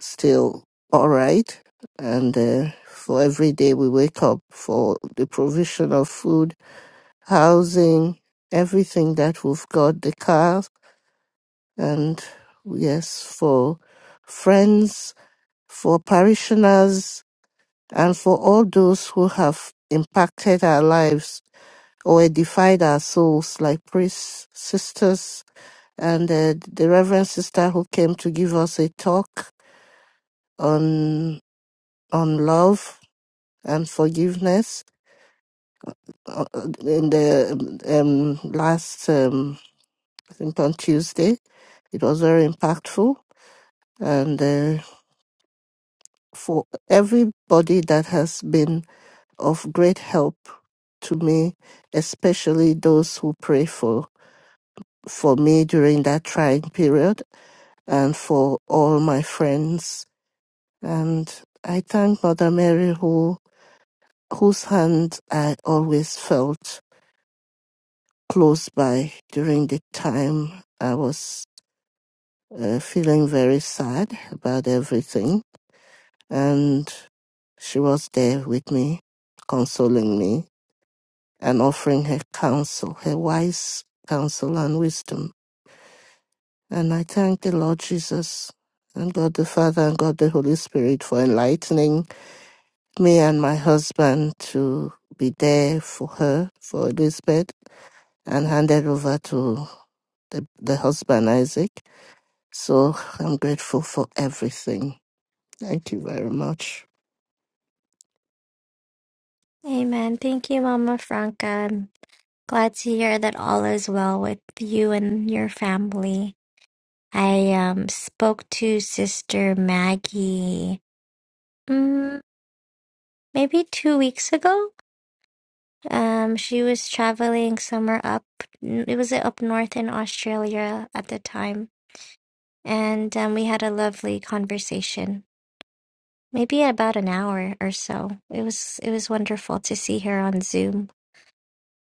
S3: still all right. And uh, for every day we wake up, for the provision of food, housing, everything that we've got, the car, and yes, for friends, for parishioners, and for all those who have impacted our lives or edified our souls, like priests, sisters, and uh, the Reverend Sister who came to give us a talk on on love and forgiveness uh, uh, in the um, last um, I think on Tuesday. It was very impactful, and uh, for everybody that has been of great help to me, especially those who pray for for me during that trying period, and for all my friends. And I thank Mother Mary, who whose hand I always felt close by during the time I was uh, feeling very sad about everything. And she was there with me, consoling me and offering her counsel, her wise counsel and wisdom. And I thank the Lord Jesus and God the Father and God the Holy Spirit for enlightening me and my husband to be there for her, for Elizabeth, and handed over to the, the husband Isaac. So I'm grateful for everything. Thank you very much.
S1: Amen. Thank you, Mama Franca. I'm glad to hear that all is well with you and your family. I um, spoke to Sister Maggie mm, maybe two weeks ago Um, she was traveling somewhere up. It was uh, up north in Australia at the time, and um, we had a lovely conversation. Maybe about an hour or so. It was it was wonderful to see her on Zoom.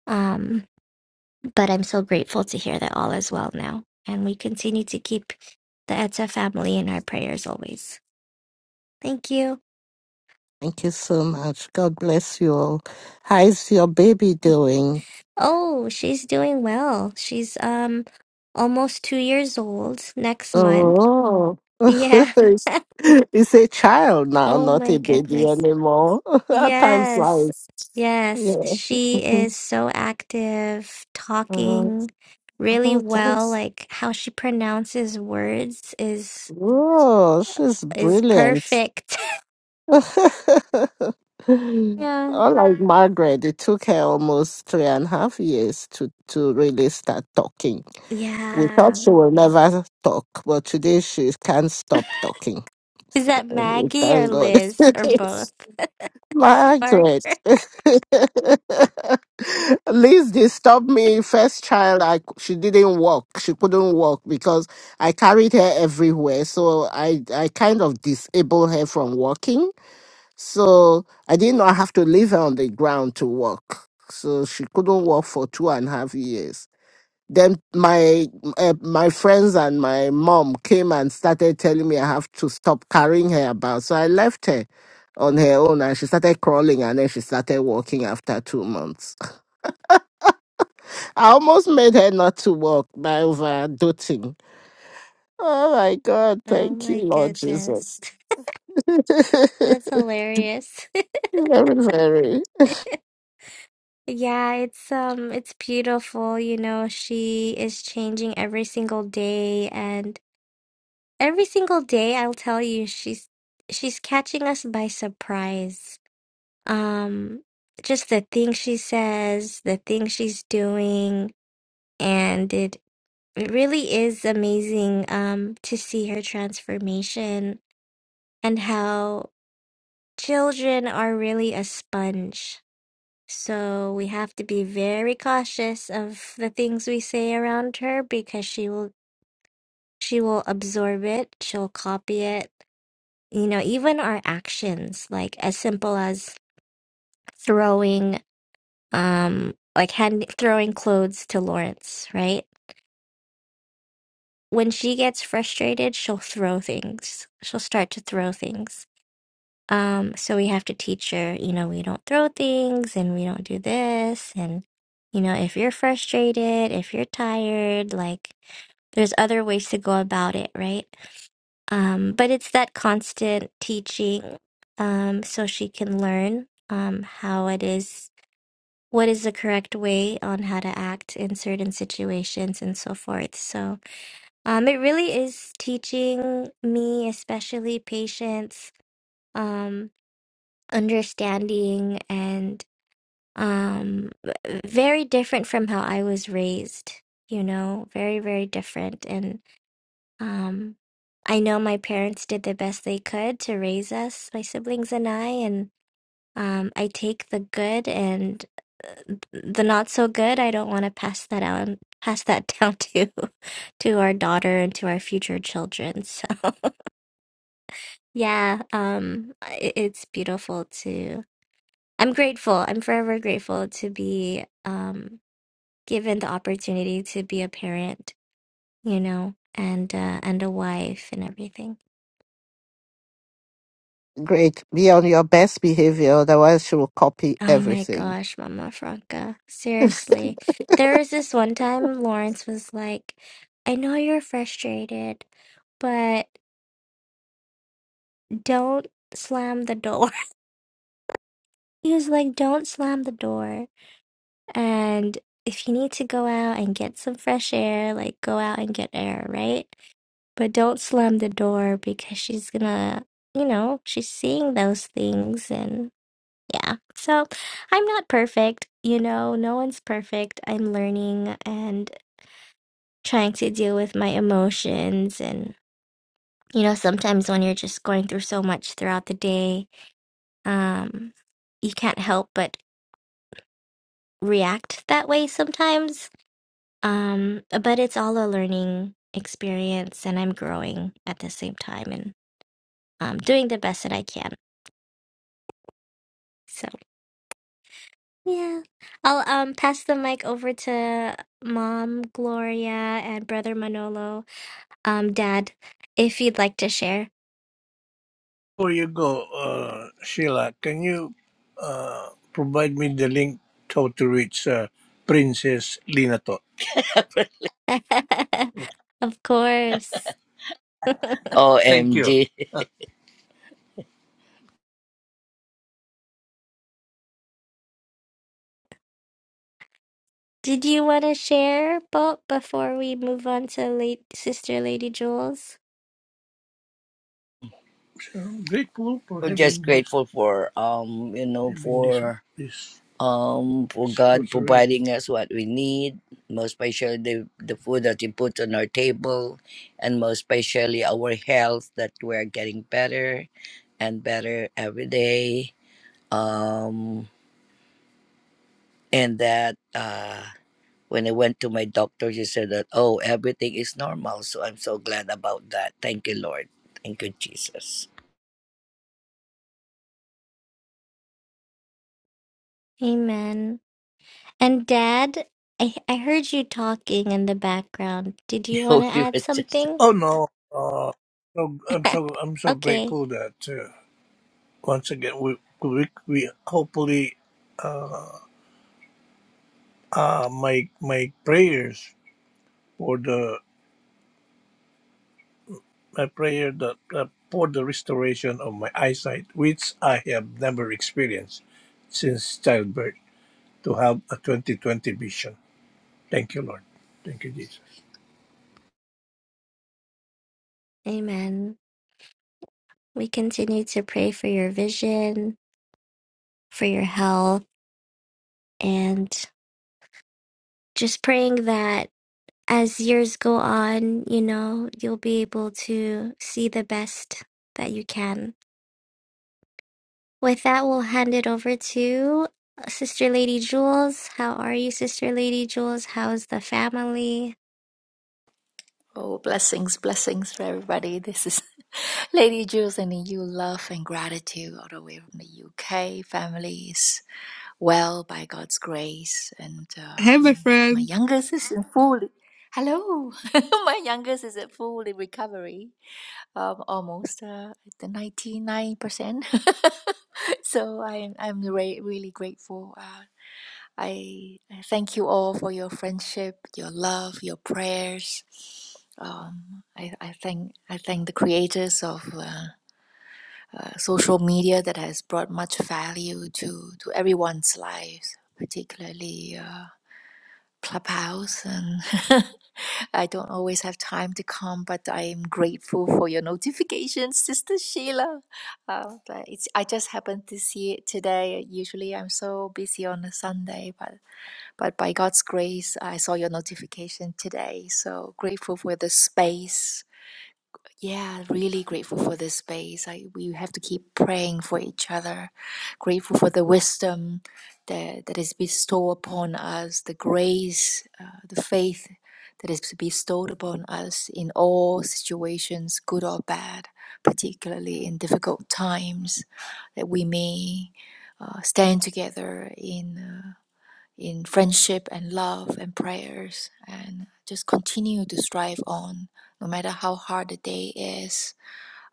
S1: Um, but I'm so grateful to hear that all is well now, and we continue to keep the Etta family in our prayers always. Thank you.
S3: Thank you so much. God bless you all. How's your baby doing?
S1: Oh, she's doing well. She's um almost two years old next month.
S3: Oh,
S1: Yeah.
S3: it's it's a child now,
S1: Oh
S3: not
S1: my
S3: a baby
S1: goodness.
S3: anymore. That time
S1: Yes.
S3: flies.
S1: Yes.
S3: Yeah.
S1: She
S3: Mhm.
S1: is so active,
S3: Uh,
S1: talking really
S3: oh,
S1: well.
S3: that's,
S1: Like how she pronounces words is
S3: oh, she's
S1: is
S3: brilliant.
S1: perfect. Yeah.
S3: Unlike Margaret, it took her almost three and a half years to, to really start talking. We thought
S1: Yeah.
S3: she will never talk, but today she can't stop talking.
S1: Is that
S3: Oh,
S1: Maggie or
S3: Thank God.
S1: Liz or both?
S3: Yes. Margaret.
S1: Margaret.
S3: Liz disturbed me. First child, I, c- she didn't walk. She couldn't walk because I carried her everywhere. So I, I kind of disabled her from walking so I did not have to leave her on the ground to walk. So she couldn't walk for two and a half years. Then my uh, my friends and my mom came and started telling me I have to stop carrying her about. So I left her on her own, and she started crawling, and then she started walking after two months. I almost made her not to walk by overdoting. Oh my God!
S1: Oh
S3: Thank you,
S1: my
S3: Lord
S1: goodness.
S3: Jesus.
S1: That's
S3: very,
S1: hilarious.
S3: very.
S1: Yeah, it's um it's beautiful, you know, she is changing every single day and Every single day, I'll tell you, she's she's catching us by surprise. Um, just the things she says, the things she's doing, and it it really is amazing um to see her transformation and how children are really a sponge. So we have to be very cautious of the things we say around her because she will she will absorb it, she'll copy it, you know even our actions like as simple as throwing um like hand throwing clothes to Lawrence right when she gets frustrated she'll throw things she'll start to throw things Um, so we have to teach her, you know, we don't throw things and we don't do this. And, you know, if you're frustrated, if you're tired, like there's other ways to go about it, right? Um, but it's that constant teaching, um, so she can learn, um, how it is, what is the correct way on how to act in certain situations and so forth. So, um, it really is teaching me, especially patience. Um, understanding and um v- very different from how I was raised, you know, very, very different. And um I know my parents did the best they could to raise us, my siblings and I, and um I take the good and the not so good. I don't want to pass that out, pass that down to to our daughter and to our future children. So yeah, um i- it's beautiful too I'm grateful. I'm forever grateful to be um, given the opportunity to be a parent, you know, and uh, and a wife and everything.
S3: Greg, be on your best behavior, otherwise she will copy
S1: Oh my
S3: everything.
S1: gosh, Mama Franca. Seriously. There was this one time Lawrence was like, I know you're frustrated, but don't slam the door. He was like, don't slam the door. And if you need to go out and get some fresh air, like go out and get air, right? But don't slam the door because she's gonna, you know, she's seeing those things and yeah. So I'm not perfect, you know, no one's perfect. I'm learning and trying to deal with my emotions and you know, sometimes when you're just going through so much throughout the day, um you can't help but react that way sometimes. Um but it's all a learning experience and I'm growing at the same time and um doing the best that I can. So. Yeah. I'll um pass the mic over to Mom Gloria and Brother Manolo. Um, Dad, if you'd like to share.
S4: Before you go, uh, Sheila, can you uh, provide me the link how to reach uh, Princess Linatot? Thank you.
S1: Of course.
S4: OMG.
S1: Did you want to share, Bob, before we move on to late Sister Lady Jules?
S4: So I'm grateful for We're just having this, grateful for um, you know, having this, for this um for God rosary. providing us what we need, most especially the, the food that He puts on our table, and most especially our health that we're getting better and better every day. Um, and that uh, when I went to my doctor, she said that oh everything is normal. So I'm so glad about that. Thank you, Lord. Thank you, Jesus.
S1: Amen. And Dad, I I heard you talking in the background. Did you want to
S4: we
S1: add
S4: was just
S1: something?
S4: Oh no, uh, so I'm so I'm so
S1: Okay.
S4: grateful that uh, once again we we, we hopefully uh, uh, my my prayers for the my prayer that uh, for the restoration of my eyesight, which I have never experienced since childbirth. to have a 2020 vision. Thank you, Lord. Thank you, Jesus.
S1: Amen. We continue to pray for your vision for your health and just praying that as years go on, you know, you'll be able to see the best that you can. With that, we'll hand it over to uh, Sister Lady Jules. How are you, Sister Lady Jules? How's the family?
S5: Oh, blessings, blessings for everybody. This is Lady Jules and you love and gratitude all the way from the UK. Family is well by God's grace. And
S2: Hey,
S5: uh,
S2: my
S5: my, my
S2: friend.
S5: youngest is in full. Hello. my youngest is at full in recovery. Um, almost uh, at the 99%. so I'm, I'm re- really grateful. Uh, I I thank you all for your friendship, your love, your prayers um, I, I thank I thank the creators of uh, uh, social media that has brought much value to to everyone's lives, particularly uh, Clubhouse. And I don't always have time to come, but I am grateful for your notifications, Sister Sheila. Uh, but it's I just happened to see it today. Usually I'm so busy on a Sunday, but but by God's grace, I saw your notification today. So grateful for the space yeah, really grateful for this space. I, we have to keep praying for each other. Grateful for the wisdom that, that is bestowed upon us, the grace, uh, the faith that is bestowed upon us in all situations, good or bad, particularly in difficult times, that we may uh, stand together in. uh, in friendship and love and prayers and just continue to strive on no matter how hard the day is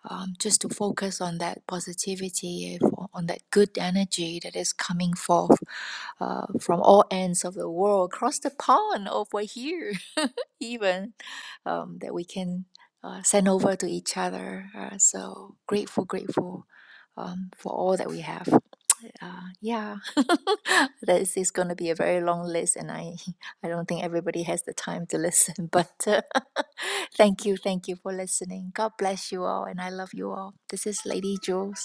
S5: um, just to focus on that positivity on that good energy that is coming forth uh, from all ends of the world across the pond over here even um, that we can uh, send over to each other uh, so grateful grateful um, for all that we have uh, yeah, this is going to be a very long list, and I, I don't think everybody has the time to listen. But uh, thank you, thank you for listening. God bless you all, and I love you all. This is Lady Jules.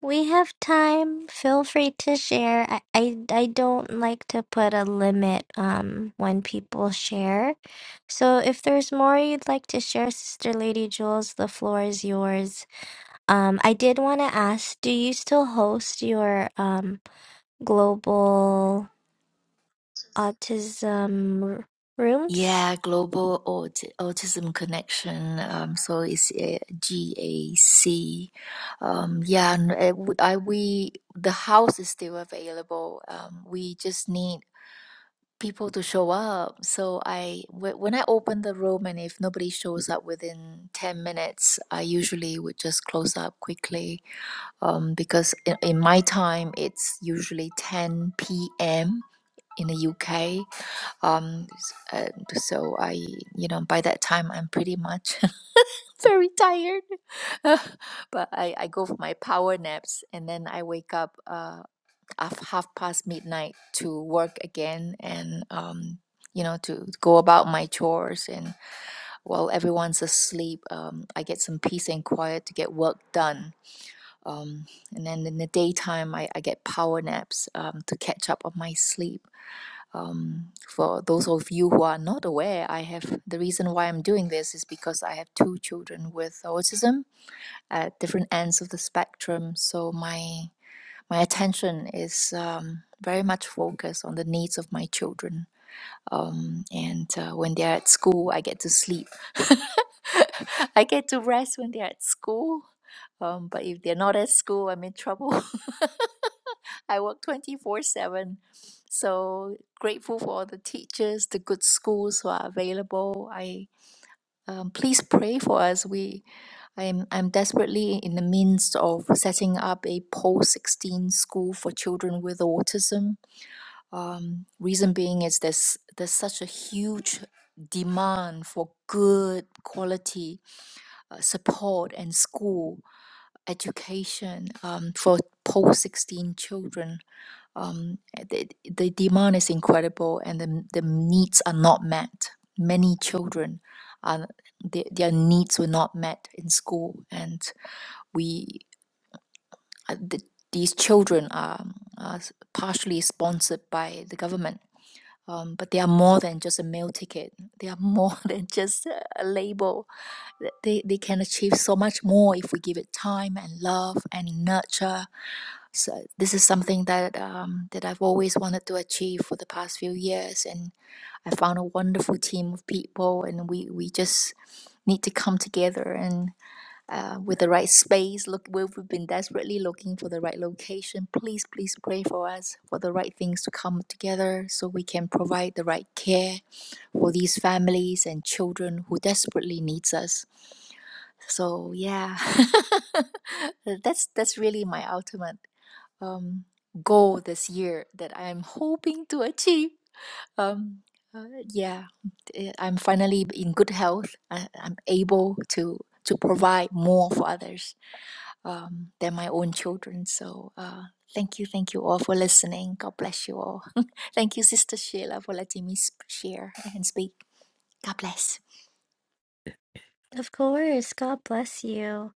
S1: We have time. Feel free to share. I, I, I don't like to put a limit um when people share. So if there's more you'd like to share, Sister Lady Jules, the floor is yours. Um, I did want to ask, do you still host your um global autism r- rooms?
S5: Yeah, Global Aut- Autism Connection. Um, so it's uh, GAC. Um, yeah, and uh, w- I, we the house is still available. Um, we just need people to show up. So I, wh- when I open the room, and if nobody shows up within ten minutes, I usually would just close up quickly, um, because in, in my time it's usually ten p.m. in the UK. Um, s- uh, so I, you know, by that time I'm pretty much very tired, but I I go for my power naps, and then I wake up. Uh, of half past midnight to work again and um, you know to go about my chores and while everyone's asleep um, i get some peace and quiet to get work done um, and then in the daytime i, I get power naps um, to catch up on my sleep um, for those of you who are not aware i have the reason why i'm doing this is because i have two children with autism at different ends of the spectrum so my my attention is um, very much focused on the needs of my children. Um, and uh, when they're at school, I get to sleep. I get to rest when they're at school. Um, but if they're not at school, I'm in trouble. I work 24 7. So grateful for all the teachers, the good schools who are available. I. Um, please pray for us. We, I'm, I'm desperately in the midst of setting up a post 16 school for children with autism. Um, reason being is there's, there's such a huge demand for good quality uh, support and school education um, for post 16 children um, the, the demand is incredible and the, the needs are not met. Many children, are, their, their needs were not met in school, and we uh, the, these children are, are s- partially sponsored by the government. Um, but they are more than just a meal ticket. They are more than just a a label. Th- They, they can achieve so much more if we give it time and love and nurture so this is something that um, that I've always wanted to achieve for the past few years, and I found a wonderful team of people, and we we just need to come together and uh, with the right space. Look, we- we've been desperately looking for the right location. Please, please pray for us for the right things to come together, so we can provide the right care for these families and children who desperately needs us. So yeah, that's that's really my ultimate um, goal this year that I'm hoping to achieve. Um, uh, yeah, eh, I'm finally in good health. I, I'm able to to provide more for others um, than my own children. So uh, thank you, thank you all for listening. God bless you all. thank you, Sister Sheila, for letting me sp- share and speak. God bless.
S1: Of course. God bless you.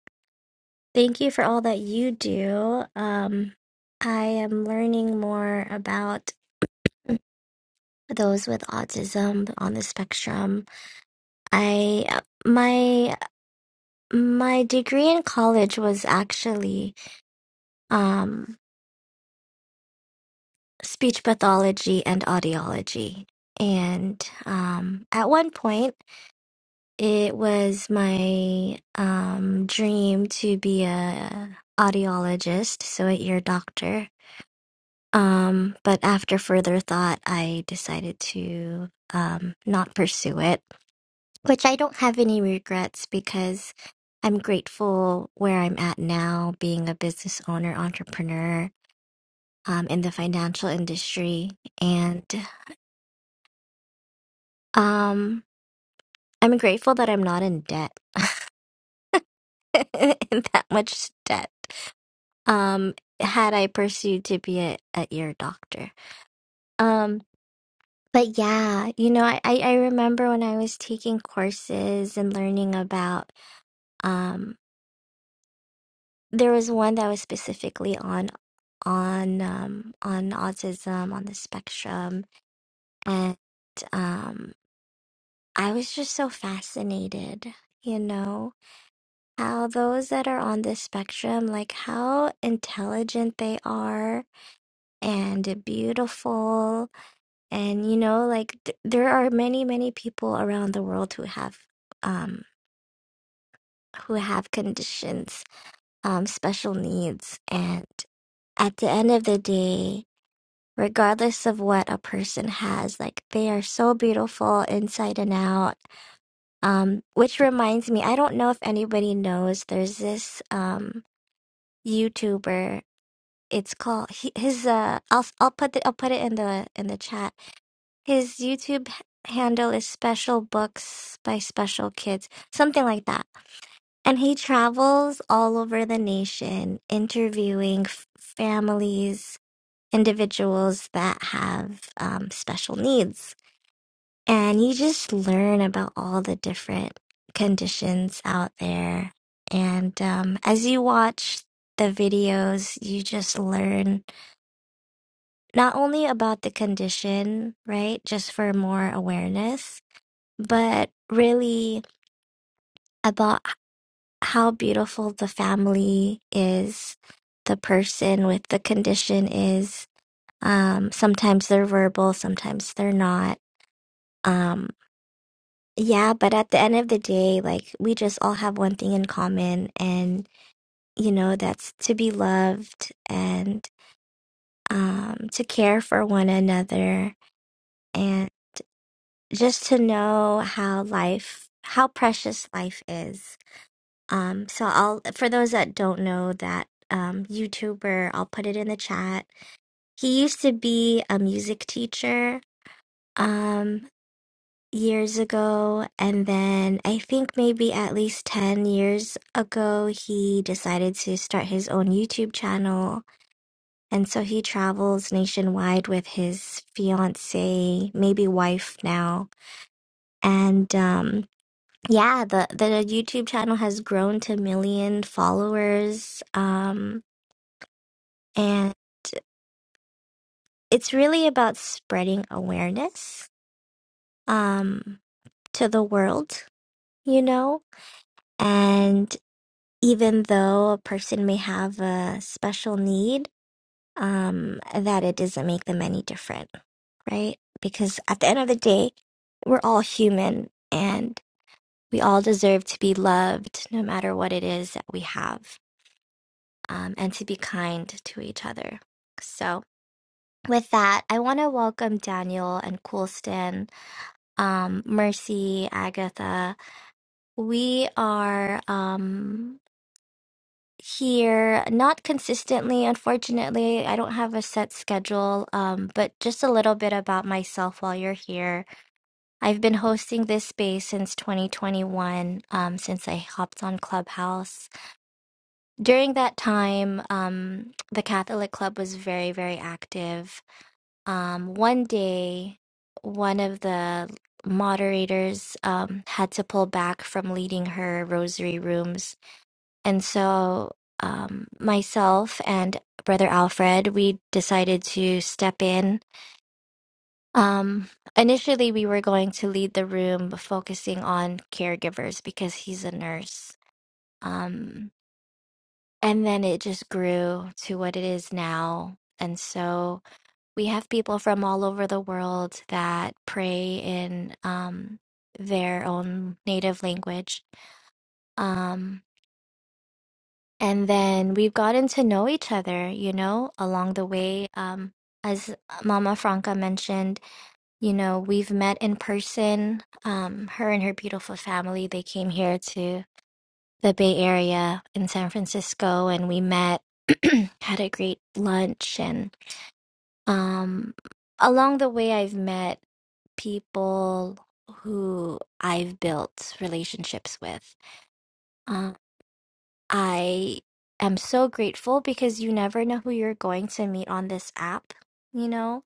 S1: Thank you for all that you do. Um, I am learning more about those with autism on the spectrum. I uh, my my degree in college was actually um speech pathology and audiology. And um, at one point, it was my um, dream to be a audiologist, so a ear doctor. Um, but after further thought, I decided to um, not pursue it, which I don't have any regrets because I'm grateful where I'm at now, being a business owner, entrepreneur um, in the financial industry. And Um, I'm grateful that I'm not in debt, in that much debt. Um, had I pursued to be a, a ear doctor. Um, but yeah, you know, I, I I remember when I was taking courses and learning about, um, there was one that was specifically on on um on autism on the spectrum and um I was just so fascinated, you know. how those that are on this spectrum, like how intelligent they are and beautiful. And, you know, like th- there are many, many people around the world who have, um, who have conditions, um, special needs. And at the end of the day, regardless of what a person has, like they are so beautiful inside and out. Um, which reminds me, I don't know if anybody knows, there's this, um, YouTuber it's called he, his uh I'll I'll put the, I'll put it in the in the chat. His YouTube h- handle is Special Books by Special Kids, something like that. And he travels all over the nation interviewing f- families, individuals that have um, special needs. And you just learn about all the different conditions out there. And um, as you watch the videos, you just learn not only about the condition, right? Just for more awareness, but really about h- how beautiful the family is, the person with the condition is. Um, sometimes they're verbal, sometimes they're not. Um, yeah, but at the end of the day, like we just all have one thing in common, and you know, that's to be loved and um, to care for one another just to know how life how precious life is um so i'll for those that don't know that um youtuber i'll put it in the chat he used to be a music teacher um years ago and then i think maybe at least 10 years ago he decided to start his own youtube channel and so he travels nationwide with his fiance maybe wife now and um Yeah, the the YouTube channel has grown to a million followers. Um, and it's really about spreading awareness um to the world, you know? And even though a person may have a special need, um, that it doesn't make them any different, right? Because at the end of the day, we're all human and we all deserve to be loved no matter what it is that we have. um, and to be kind to each other. So, with that, I want to welcome Daniel and Coolston, um, Mercy, Agatha. We are um, here not consistently, unfortunately. I don't have a set schedule, um, but just a little bit about myself while you're here. I've been hosting this space since 2021, um, since I hopped on Clubhouse. during that time, um, the Catholic Club was very, very active. Um, one day, one of the moderators um, had to pull back from leading her rosary rooms. And so, um, myself and Brother Alfred, we decided to step in. Um, initially, we were going to lead the room focusing on caregivers because he's a nurse. Um, and then it just grew to what it is now. And so we have people from all over the world that pray in um, their own native language. Um, and then we've gotten to know each other, you know, along the way. Um, as Mama Franca mentioned, you know, we've met in person. Um, her and her beautiful family, they came here to the Bay Area in San Francisco and we met, had a great lunch and um along the way I've met people who I've built relationships with. Uh, I am so grateful because you never know who you're going to meet on this app, you know?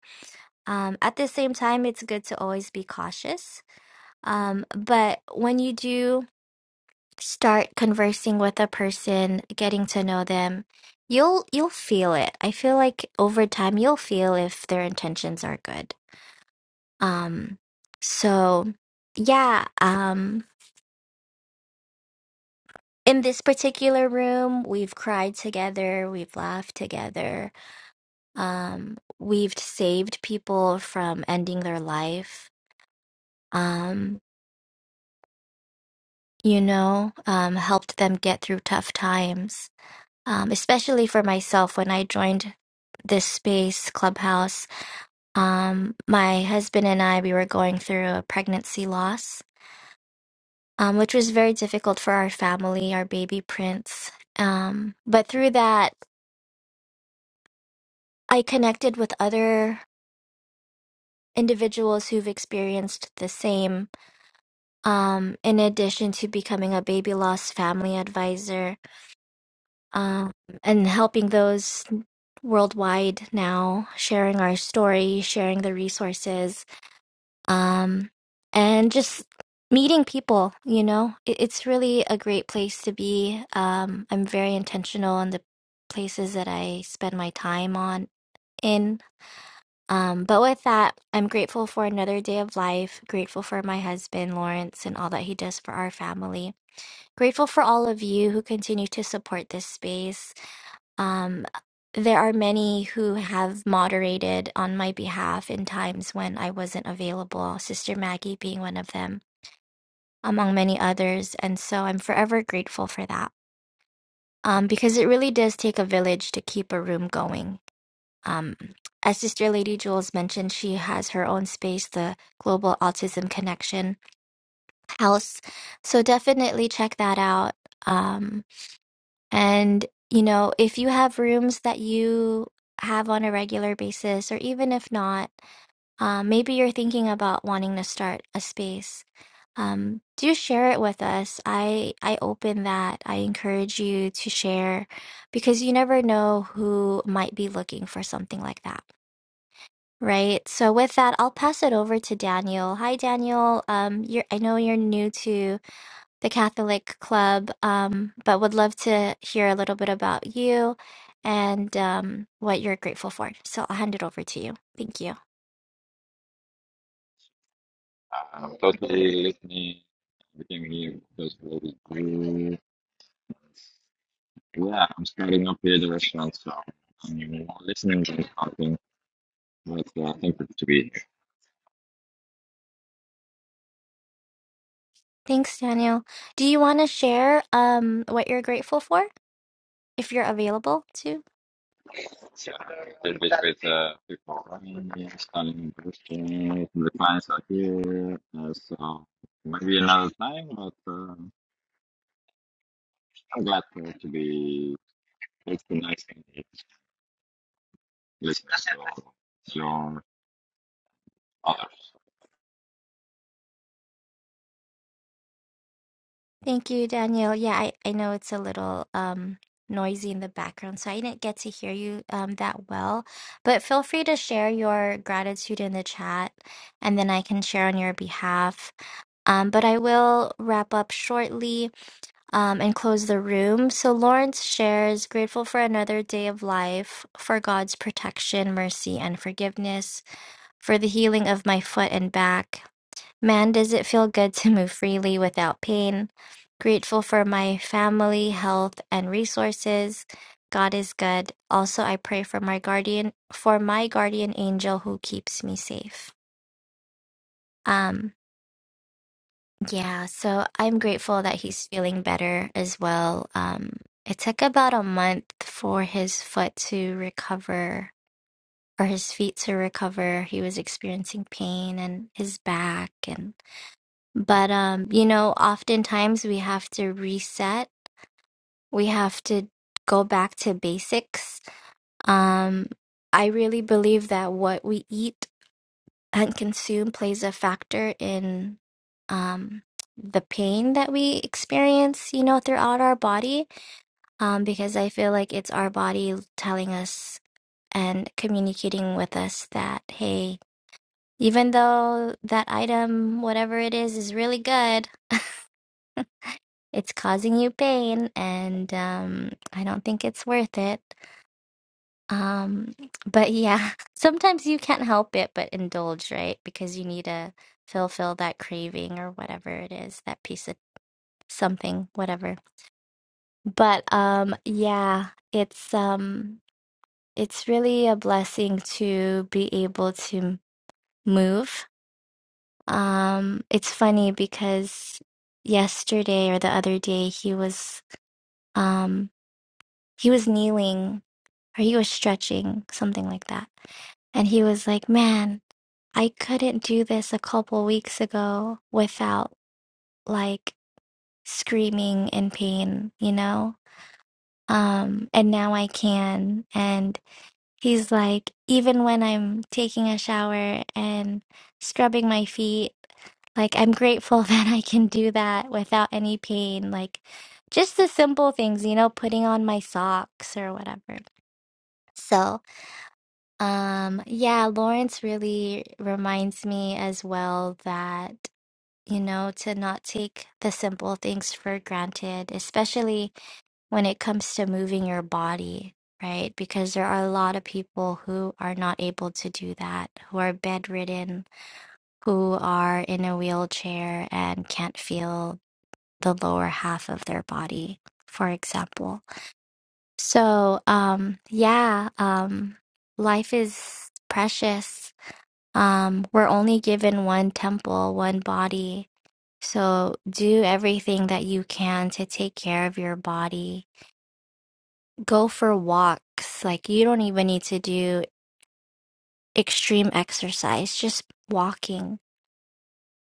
S1: Um, at the same time, it's good to always be cautious. Um, but when you do, start conversing with a person, getting to know them, you'll you'll feel it. I feel like over time you'll feel if their intentions are good. Um so yeah, um in this particular room, we've cried together, we've laughed together. Um we've saved people from ending their life. Um you know, um helped them get through tough times um, especially for myself when I joined this space clubhouse. Um, my husband and I, we were going through a pregnancy loss, um, which was very difficult for our family, our baby prince. Um, but through that, I connected with other individuals who've experienced the same, um, in addition to becoming a baby loss family advisor. um, and helping those worldwide now, sharing our story, sharing the resources, um, and just meeting people. You know, it, it's really a great place to be. Um, I'm very intentional on the places that I spend my time on in. Um, but with that, I'm grateful for another day of life, grateful for my husband, Lawrence, and all that he does for our family. Grateful for all of you who continue to support this space um, there are many who have moderated on my behalf in times when I wasn't available, Sister Maggie being one of them, among many others. And so I'm forever grateful for that um, because it really does take a village to keep a room going. Um, as Sister Lady Jules mentioned, she has her own space, the Global Autism Connection House. So definitely check that out. Um. And, you know, if you have rooms that you have on a regular basis, or even if not, um, maybe you're thinking about wanting to start a space. Um, do share it with us. I I open that. I encourage you to share because you never know who might be looking for something like that, right? So with that, I'll pass it over to Daniel. Hi, Daniel. Um, you're I know you're new to the Catholic Club, um, but would love to hear a little bit about you and um, what you're grateful for. So I'll hand it over to you. Thank you.
S6: I'm totally listening. Everything here just really great. Yeah, I'm starting up here at the restaurant, so I'm more listening and talking. But uh, thankful to be here.
S1: Thanks, Daniel. Do you want to share um, what you're grateful for if you're available to?
S6: So, a little bit with uh, people running, here, starting the restaurant. The clients are here, uh, so maybe another time. But uh, I'm glad to, to be recognizing the listeners or your others.
S1: Thank you, Daniel. Yeah, I, I know it's a little um, noisy in the background, so I didn't get to hear you um, that well, but feel free to share your gratitude in the chat and then I can share on your behalf. Um, but I will wrap up shortly. um, and close the room. So Lawrence shares, grateful for another day of life, for God's protection, mercy, and forgiveness, for the healing of my foot and back. Man, does it feel good to move freely without pain. Grateful for my family, health, and resources. God is good. Also, I pray for my guardian, for my guardian angel who keeps me safe. Um. Yeah, so I'm grateful that he's feeling better as well. Um, it took about a month for his foot to recover or his feet to recover. He was experiencing pain and his back and but um, you know, oftentimes we have to reset. We have to go back to basics. Um, I really believe that what we eat and consume plays a factor in um, the pain that we experience, you know, throughout our body, um, because I feel like it's our body telling us and communicating with us that, hey, even though that item, whatever it is, is really good, it's causing you pain, and um, I don't think it's worth it. Um, but yeah, sometimes you can't help it but indulge, right? Because you need to fulfill that craving or whatever it is, that piece of something, whatever. But um, yeah, it's um, it's really a blessing to be able to move. Um, it's funny because yesterday or the other day he was um, he was kneeling or he was stretching, something like that. And he was like, "Man, I couldn't do this a couple weeks ago without like screaming in pain, you know? Um, and now I can. And he's like, even when I'm taking a shower and scrubbing my feet, like I'm grateful that I can do that without any pain. Like just the simple things, you know, putting on my socks or whatever. So, um, yeah, Lawrence really reminds me as well that. you know, to not take the simple things for granted, especially when it comes to moving your body, right? Because there are a lot of people who are not able to do that, who are bedridden, who are in a wheelchair and can't feel the lower half of their body, for example. So, um, yeah, um, life is precious. Um, we're only given one temple, one body so do everything that you can to take care of your body. Go for walks. Like you don't even need to do extreme exercise, just walking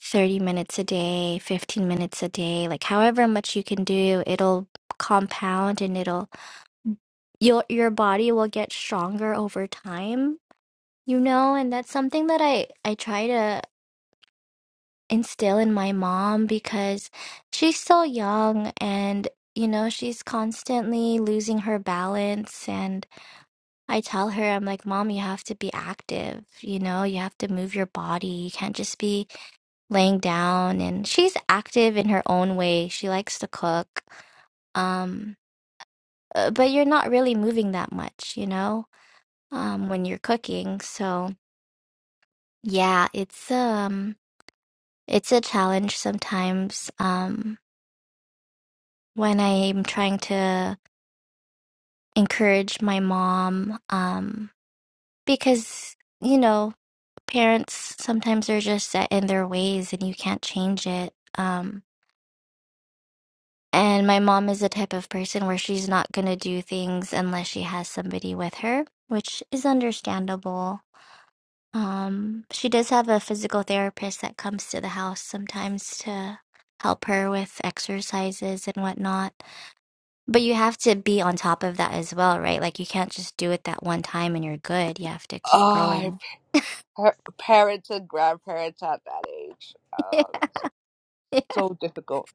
S1: 30 minutes a day, 15 minutes a day, like however much you can do, it'll compound and it'll your your body will get stronger over time, you know, and that's something that I I try to instill in my mom because she's so young and you know she's constantly losing her balance and I tell her I'm like mom you have to be active you know you have to move your body you can't just be laying down and she's active in her own way she likes to cook um uh, but you're not really moving that much you know um when you're cooking so yeah it's um it's a challenge sometimes um when I'm trying to encourage my mom, um, because, you know, parents sometimes are just set in their ways and you can't change it. Um, and my mom is the type of person where she's not going to do things unless she has somebody with her, which is understandable. Um, she does have a physical therapist that comes to the house sometimes to help her with exercises and whatnot But you have to be on top of that as well, right? Like you can't just do it that one time and you're good. You have to keep
S2: Ah,
S1: going.
S2: par- parents and grandparents at that age,
S1: Are
S2: um, so difficult.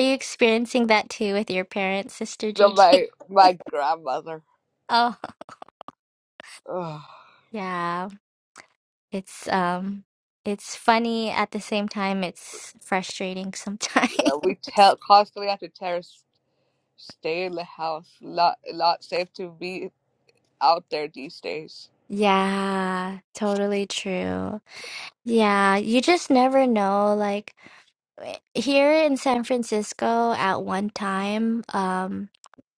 S1: you experiencing that too with your parents, Sister
S2: So
S1: Gigi?
S2: my my grandmother.
S1: Oh,
S2: Ugh.
S1: yeah. It's um it's funny at the same time it's frustrating sometimes.
S2: Yeah, we tell constantly have to tell her. Stay in the house. Lot lot safe to be out there these days.
S1: Yeah, totally true. Yeah, you just never know. Like w- here in San Francisco at one time, um.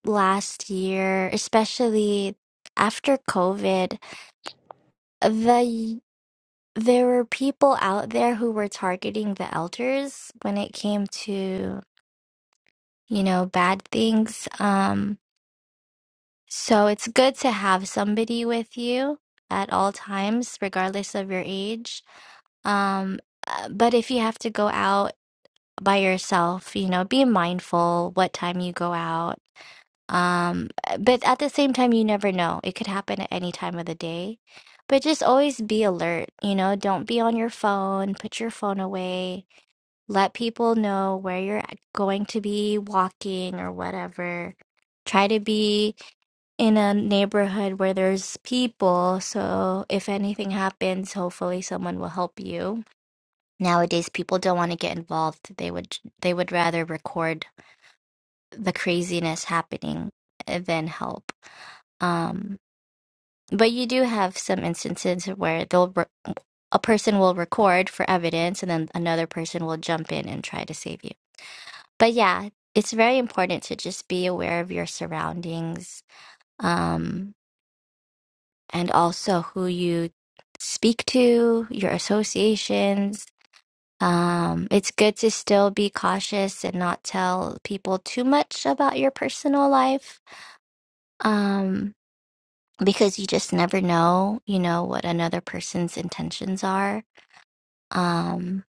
S1: last year, especially after COVID, the there were people out there who were targeting the elders when it came to, you know, bad things. Um, so it's good to have somebody with you at all times, regardless of your age. Um, uh, but if you have to go out by yourself, you know, be mindful what time you go out Um, but at the same time, you never know. It could happen at any time of the day. But just always be alert, you know, don't be on your phone, put your phone away, let people know where you're at- going to be walking or whatever. Try to be in a neighborhood where there's people, so if anything happens, hopefully someone will help you. Nowadays, people don't want to get involved. They would they would rather record the craziness happening uh, than help. Um, but you do have some instances where they'll re a person will record for evidence and then another person will jump in and try to save you. But yeah, it's very important to just be aware of your surroundings, um, and also who you speak to, your associations. Um, it's good to still be cautious and not tell people too much about your personal life. Um, because you just never know, you know, what another person's intentions are. Um,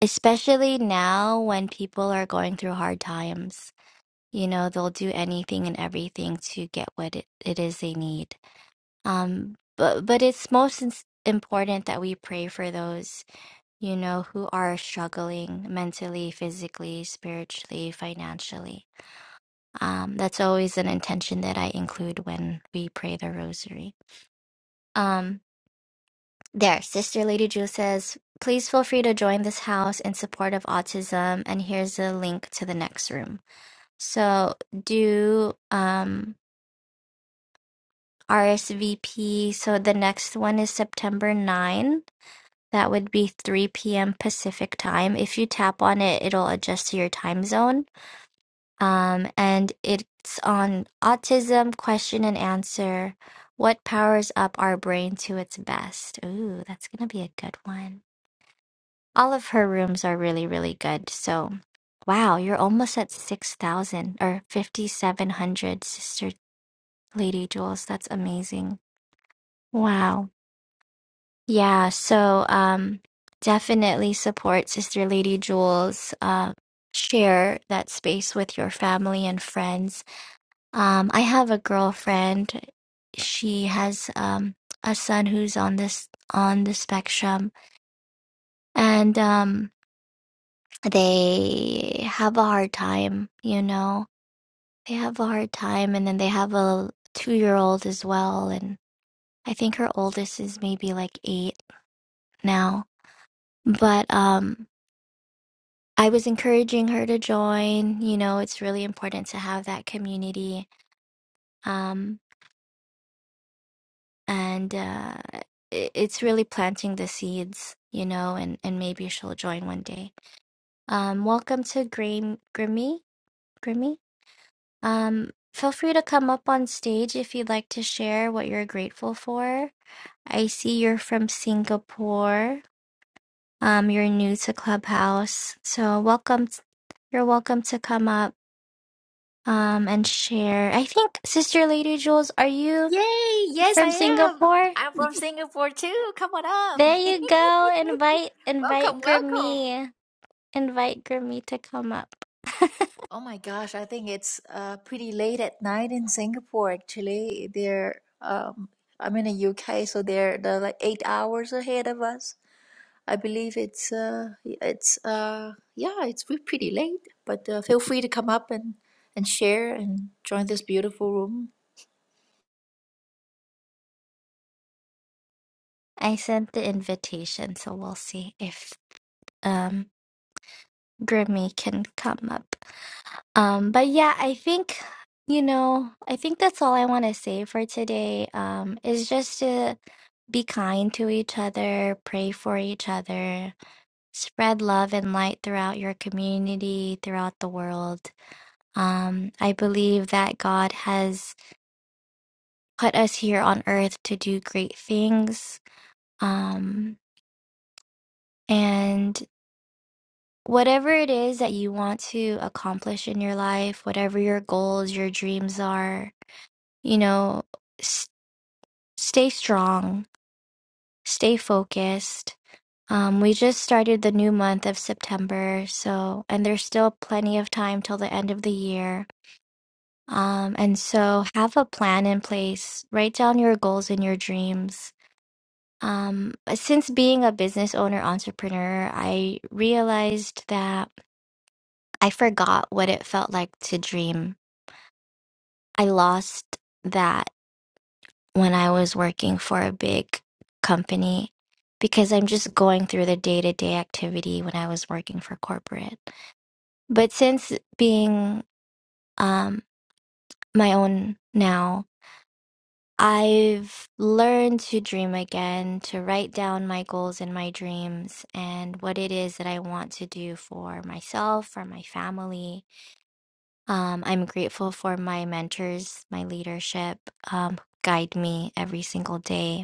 S1: especially now when people are going through hard times, you know, they'll do anything and everything to get what it, it is they need. Um, but but it's most ins- important that we pray for those, you know, who are struggling mentally, physically, spiritually, financially. Um, that's always an intention that I include when we pray the rosary. Um, There, Sister Lady Ju says, please feel free to join this house in support of autism, and here's a link to the next room. So do um RSVP. So the next one is September 9. That would be 3 p.m. Pacific time. If you tap on it, it'll adjust to your time zone. Um, and it's on autism question and answer. What powers up our brain to its best? Ooh, that's gonna be a good one. all of her rooms are really really good so wow you're almost at 6000 or 5700 sister lady jules that's amazing wow yeah so um definitely support sister lady jules uh share that space with your family and friends um i have a girlfriend she has um a son who's on this on the spectrum and um they have a hard time, you know. They have a hard time and then they have a 2-year-old as well and I think her oldest is maybe like 8 now. But um I was encouraging her to join, you know, it's really important to have that community um and uh i- it's really planting the seeds, you know, and and maybe she'll join one day. Um welcome to Grim Grimmy, Grimmy. Um, feel free to come up on stage if you'd like to share what you're grateful for. I see you're from Singapore. Um, you're new to Clubhouse, so welcome. t- you're welcome to come up um and share. I think Sister Lady Jules, are you
S5: Yay! Yes,
S1: from
S5: I am.
S1: Singapore?
S5: I'm from Singapore too. Come on up.
S1: There you go. Invite invite
S5: welcome, welcome.
S1: Grammy. Invite Grammy to come up.
S5: Oh my gosh, I think it's uh, pretty late at night in Singapore actually. They're um, I'm in the UK, so they're they're like eight hours ahead of us. I believe it's uh, it's uh, yeah, it's we're pretty late. But uh, feel free to come up and and share and join this beautiful room.
S1: I sent the invitation, so we'll see if um Grammy can come up. Um, but yeah, I think, you know, I think that's all I want to say for today. Um, is just to be kind to each other, pray for each other, spread love and light throughout your community, throughout the world. Um, I believe that God has put us here on earth to do great things. Um, and whatever it is that you want to accomplish in your life, whatever your goals, your dreams are, you know, s- stay strong, stay focused. Um, we just started the new month of September, so, and there's still plenty of time till the end of the year. Um, and so have a plan in place, write down your goals and your dreams. Um, since being a business owner entrepreneur, I realized that I forgot what it felt like to dream. I lost that when I was working for a big company because I'm just going through the day to day activity when I was working for corporate. But since being um, my own now, I've learned to dream again, to write down my goals and my dreams and what it is that I want to do for myself, for my family. Um, I'm grateful for my mentors, my leadership, um, guide me every single day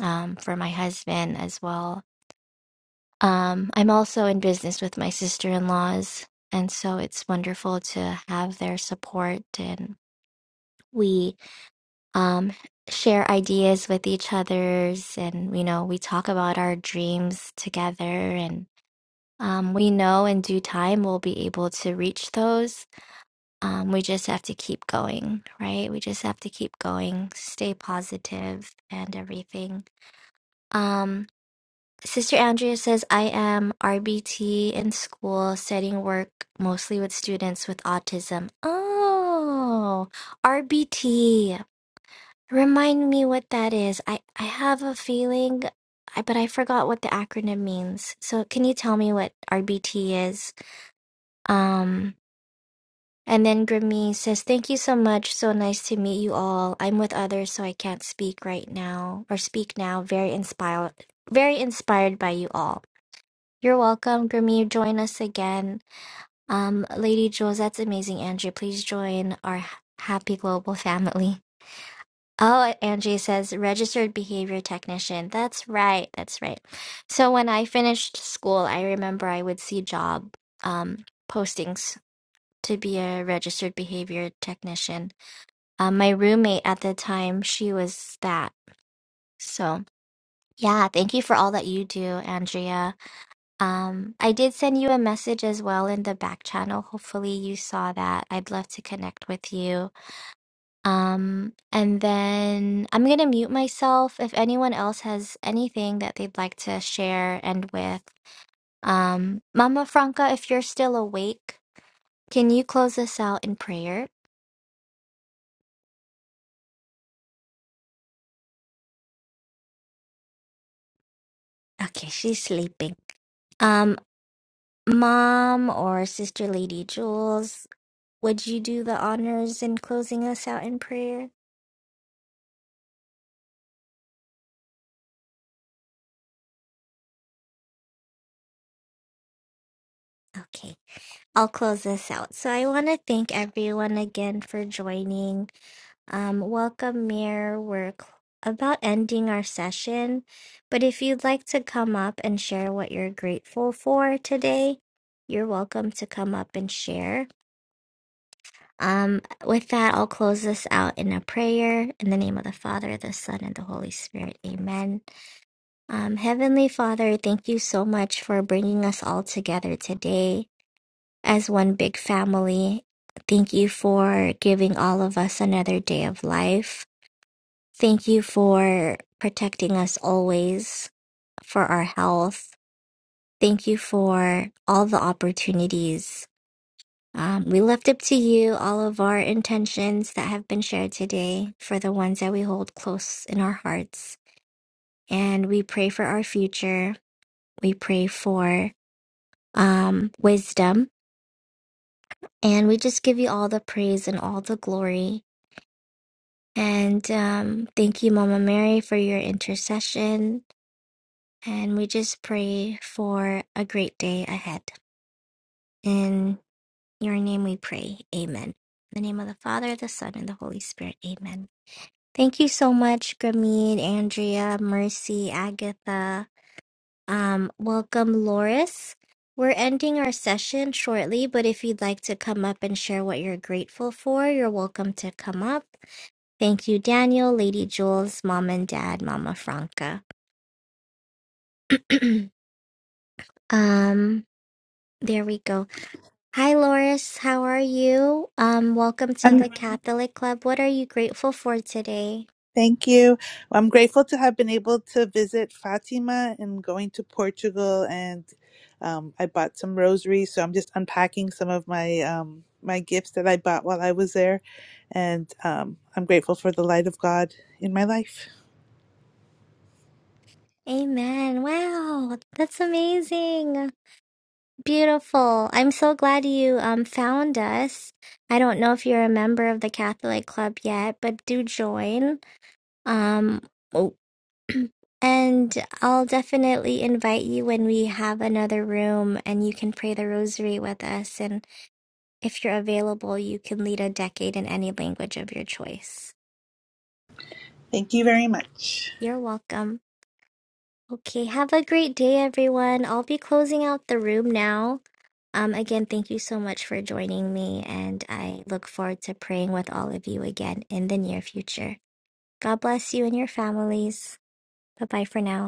S1: um, for my husband as well. Um, I'm also in business with my sister in laws, and so it's wonderful to have their support. And we um, share ideas with each other's, and you know, we talk about our dreams together. And um, we know in due time we'll be able to reach those. Um, we just have to keep going, right? We just have to keep going, stay positive, and everything. Um, Sister Andrea says, I am RBT in school, setting work mostly with students with autism. Oh, RBT. Remind me what that is. I, I have a feeling, I, but I forgot what the acronym means. So can you tell me what RBT is? Um, and then Grammy says, Thank you so much. So nice to meet you all. I'm with others, so I can't speak right now or speak now. Very inspired, very inspired by you all. You're welcome, Grammy. Join us again. Um, Lady Jules, that's amazing, Angie. Please join our h- happy global family. Oh, Angie says registered behavior technician. That's right. That's right. So when I finished school, I remember I would see job um, postings to be a registered behavior technician. Um, my roommate at the time, she was that. So yeah, thank you for all that you do, Andrea. Um, I did send you a message as well in the back channel. Hopefully, you saw that. I'd love to connect with you. Um, and then I'm going to mute myself. If anyone else has anything that they'd like to share and with, um, Mama Franca, if you're still awake, can you close us out in prayer? Okay, she's sleeping. Um, Mom or Sister Lady Jules, would you do the honors in closing us out in prayer? Okay. I'll close this out. So I want to thank everyone again for joining. Um, welcome, Mir. We're cl- about ending our session, but if you'd like to come up and share what you're grateful for today, you're welcome to come up and share. Um, with that, I'll close this out in a prayer in the name of the Father, the Son, and the Holy Spirit. Amen. Um, Heavenly Father, thank you so much for bringing us all together today as one big family. Thank you for giving all of us another day of life. Thank you for protecting us always for our health. Thank you for all the opportunities. Um, we left up to you all of our intentions that have been shared today for the ones that we hold close in our hearts. And we pray for our future. We pray for um, wisdom. And we just give you all the praise and all the glory And um, thank you, Mama Mary, for your intercession. And we just pray for a great day ahead. In your name we pray. Amen. In the name of the Father, the Son, and the Holy Spirit. Amen. Thank you so much, Grameen, Andrea, Mercy, Agatha. Um, welcome, Loris. We're ending our session shortly, but if you'd like to come up and share what you're grateful for, you're welcome to come up. Thank you, Daniel, Lady Jules, Mom and Dad, Mama Franca. um, there we go. Hi, Loris. How are you? Um, welcome to the
S7: Um,
S1: Catholic Club. What are you grateful for today?
S7: thank you. I'm grateful to have been able to visit Fatima and going to Portugal, and um, I bought some rosaries. So I'm just unpacking some of my um, my gifts that I bought while I was there, and um, I'm grateful for the light of God in my life.
S1: Amen. Wow, that's amazing. Beautiful. I'm so glad you um found us. I don't know if you're a member of the Catholic Club yet, but do join. Um, oh, And I'll definitely invite you when we have another room and you can pray the rosary with us. And if you're available, you can lead a decade in any language of your choice.
S7: Thank you very much.
S1: You're welcome. Okay, have a great day, everyone. I'll be closing out the room now. Um, again, thank you so much for joining me, and I look forward to praying with all of you again in the near future. God bless you and your families. Bye bye for now.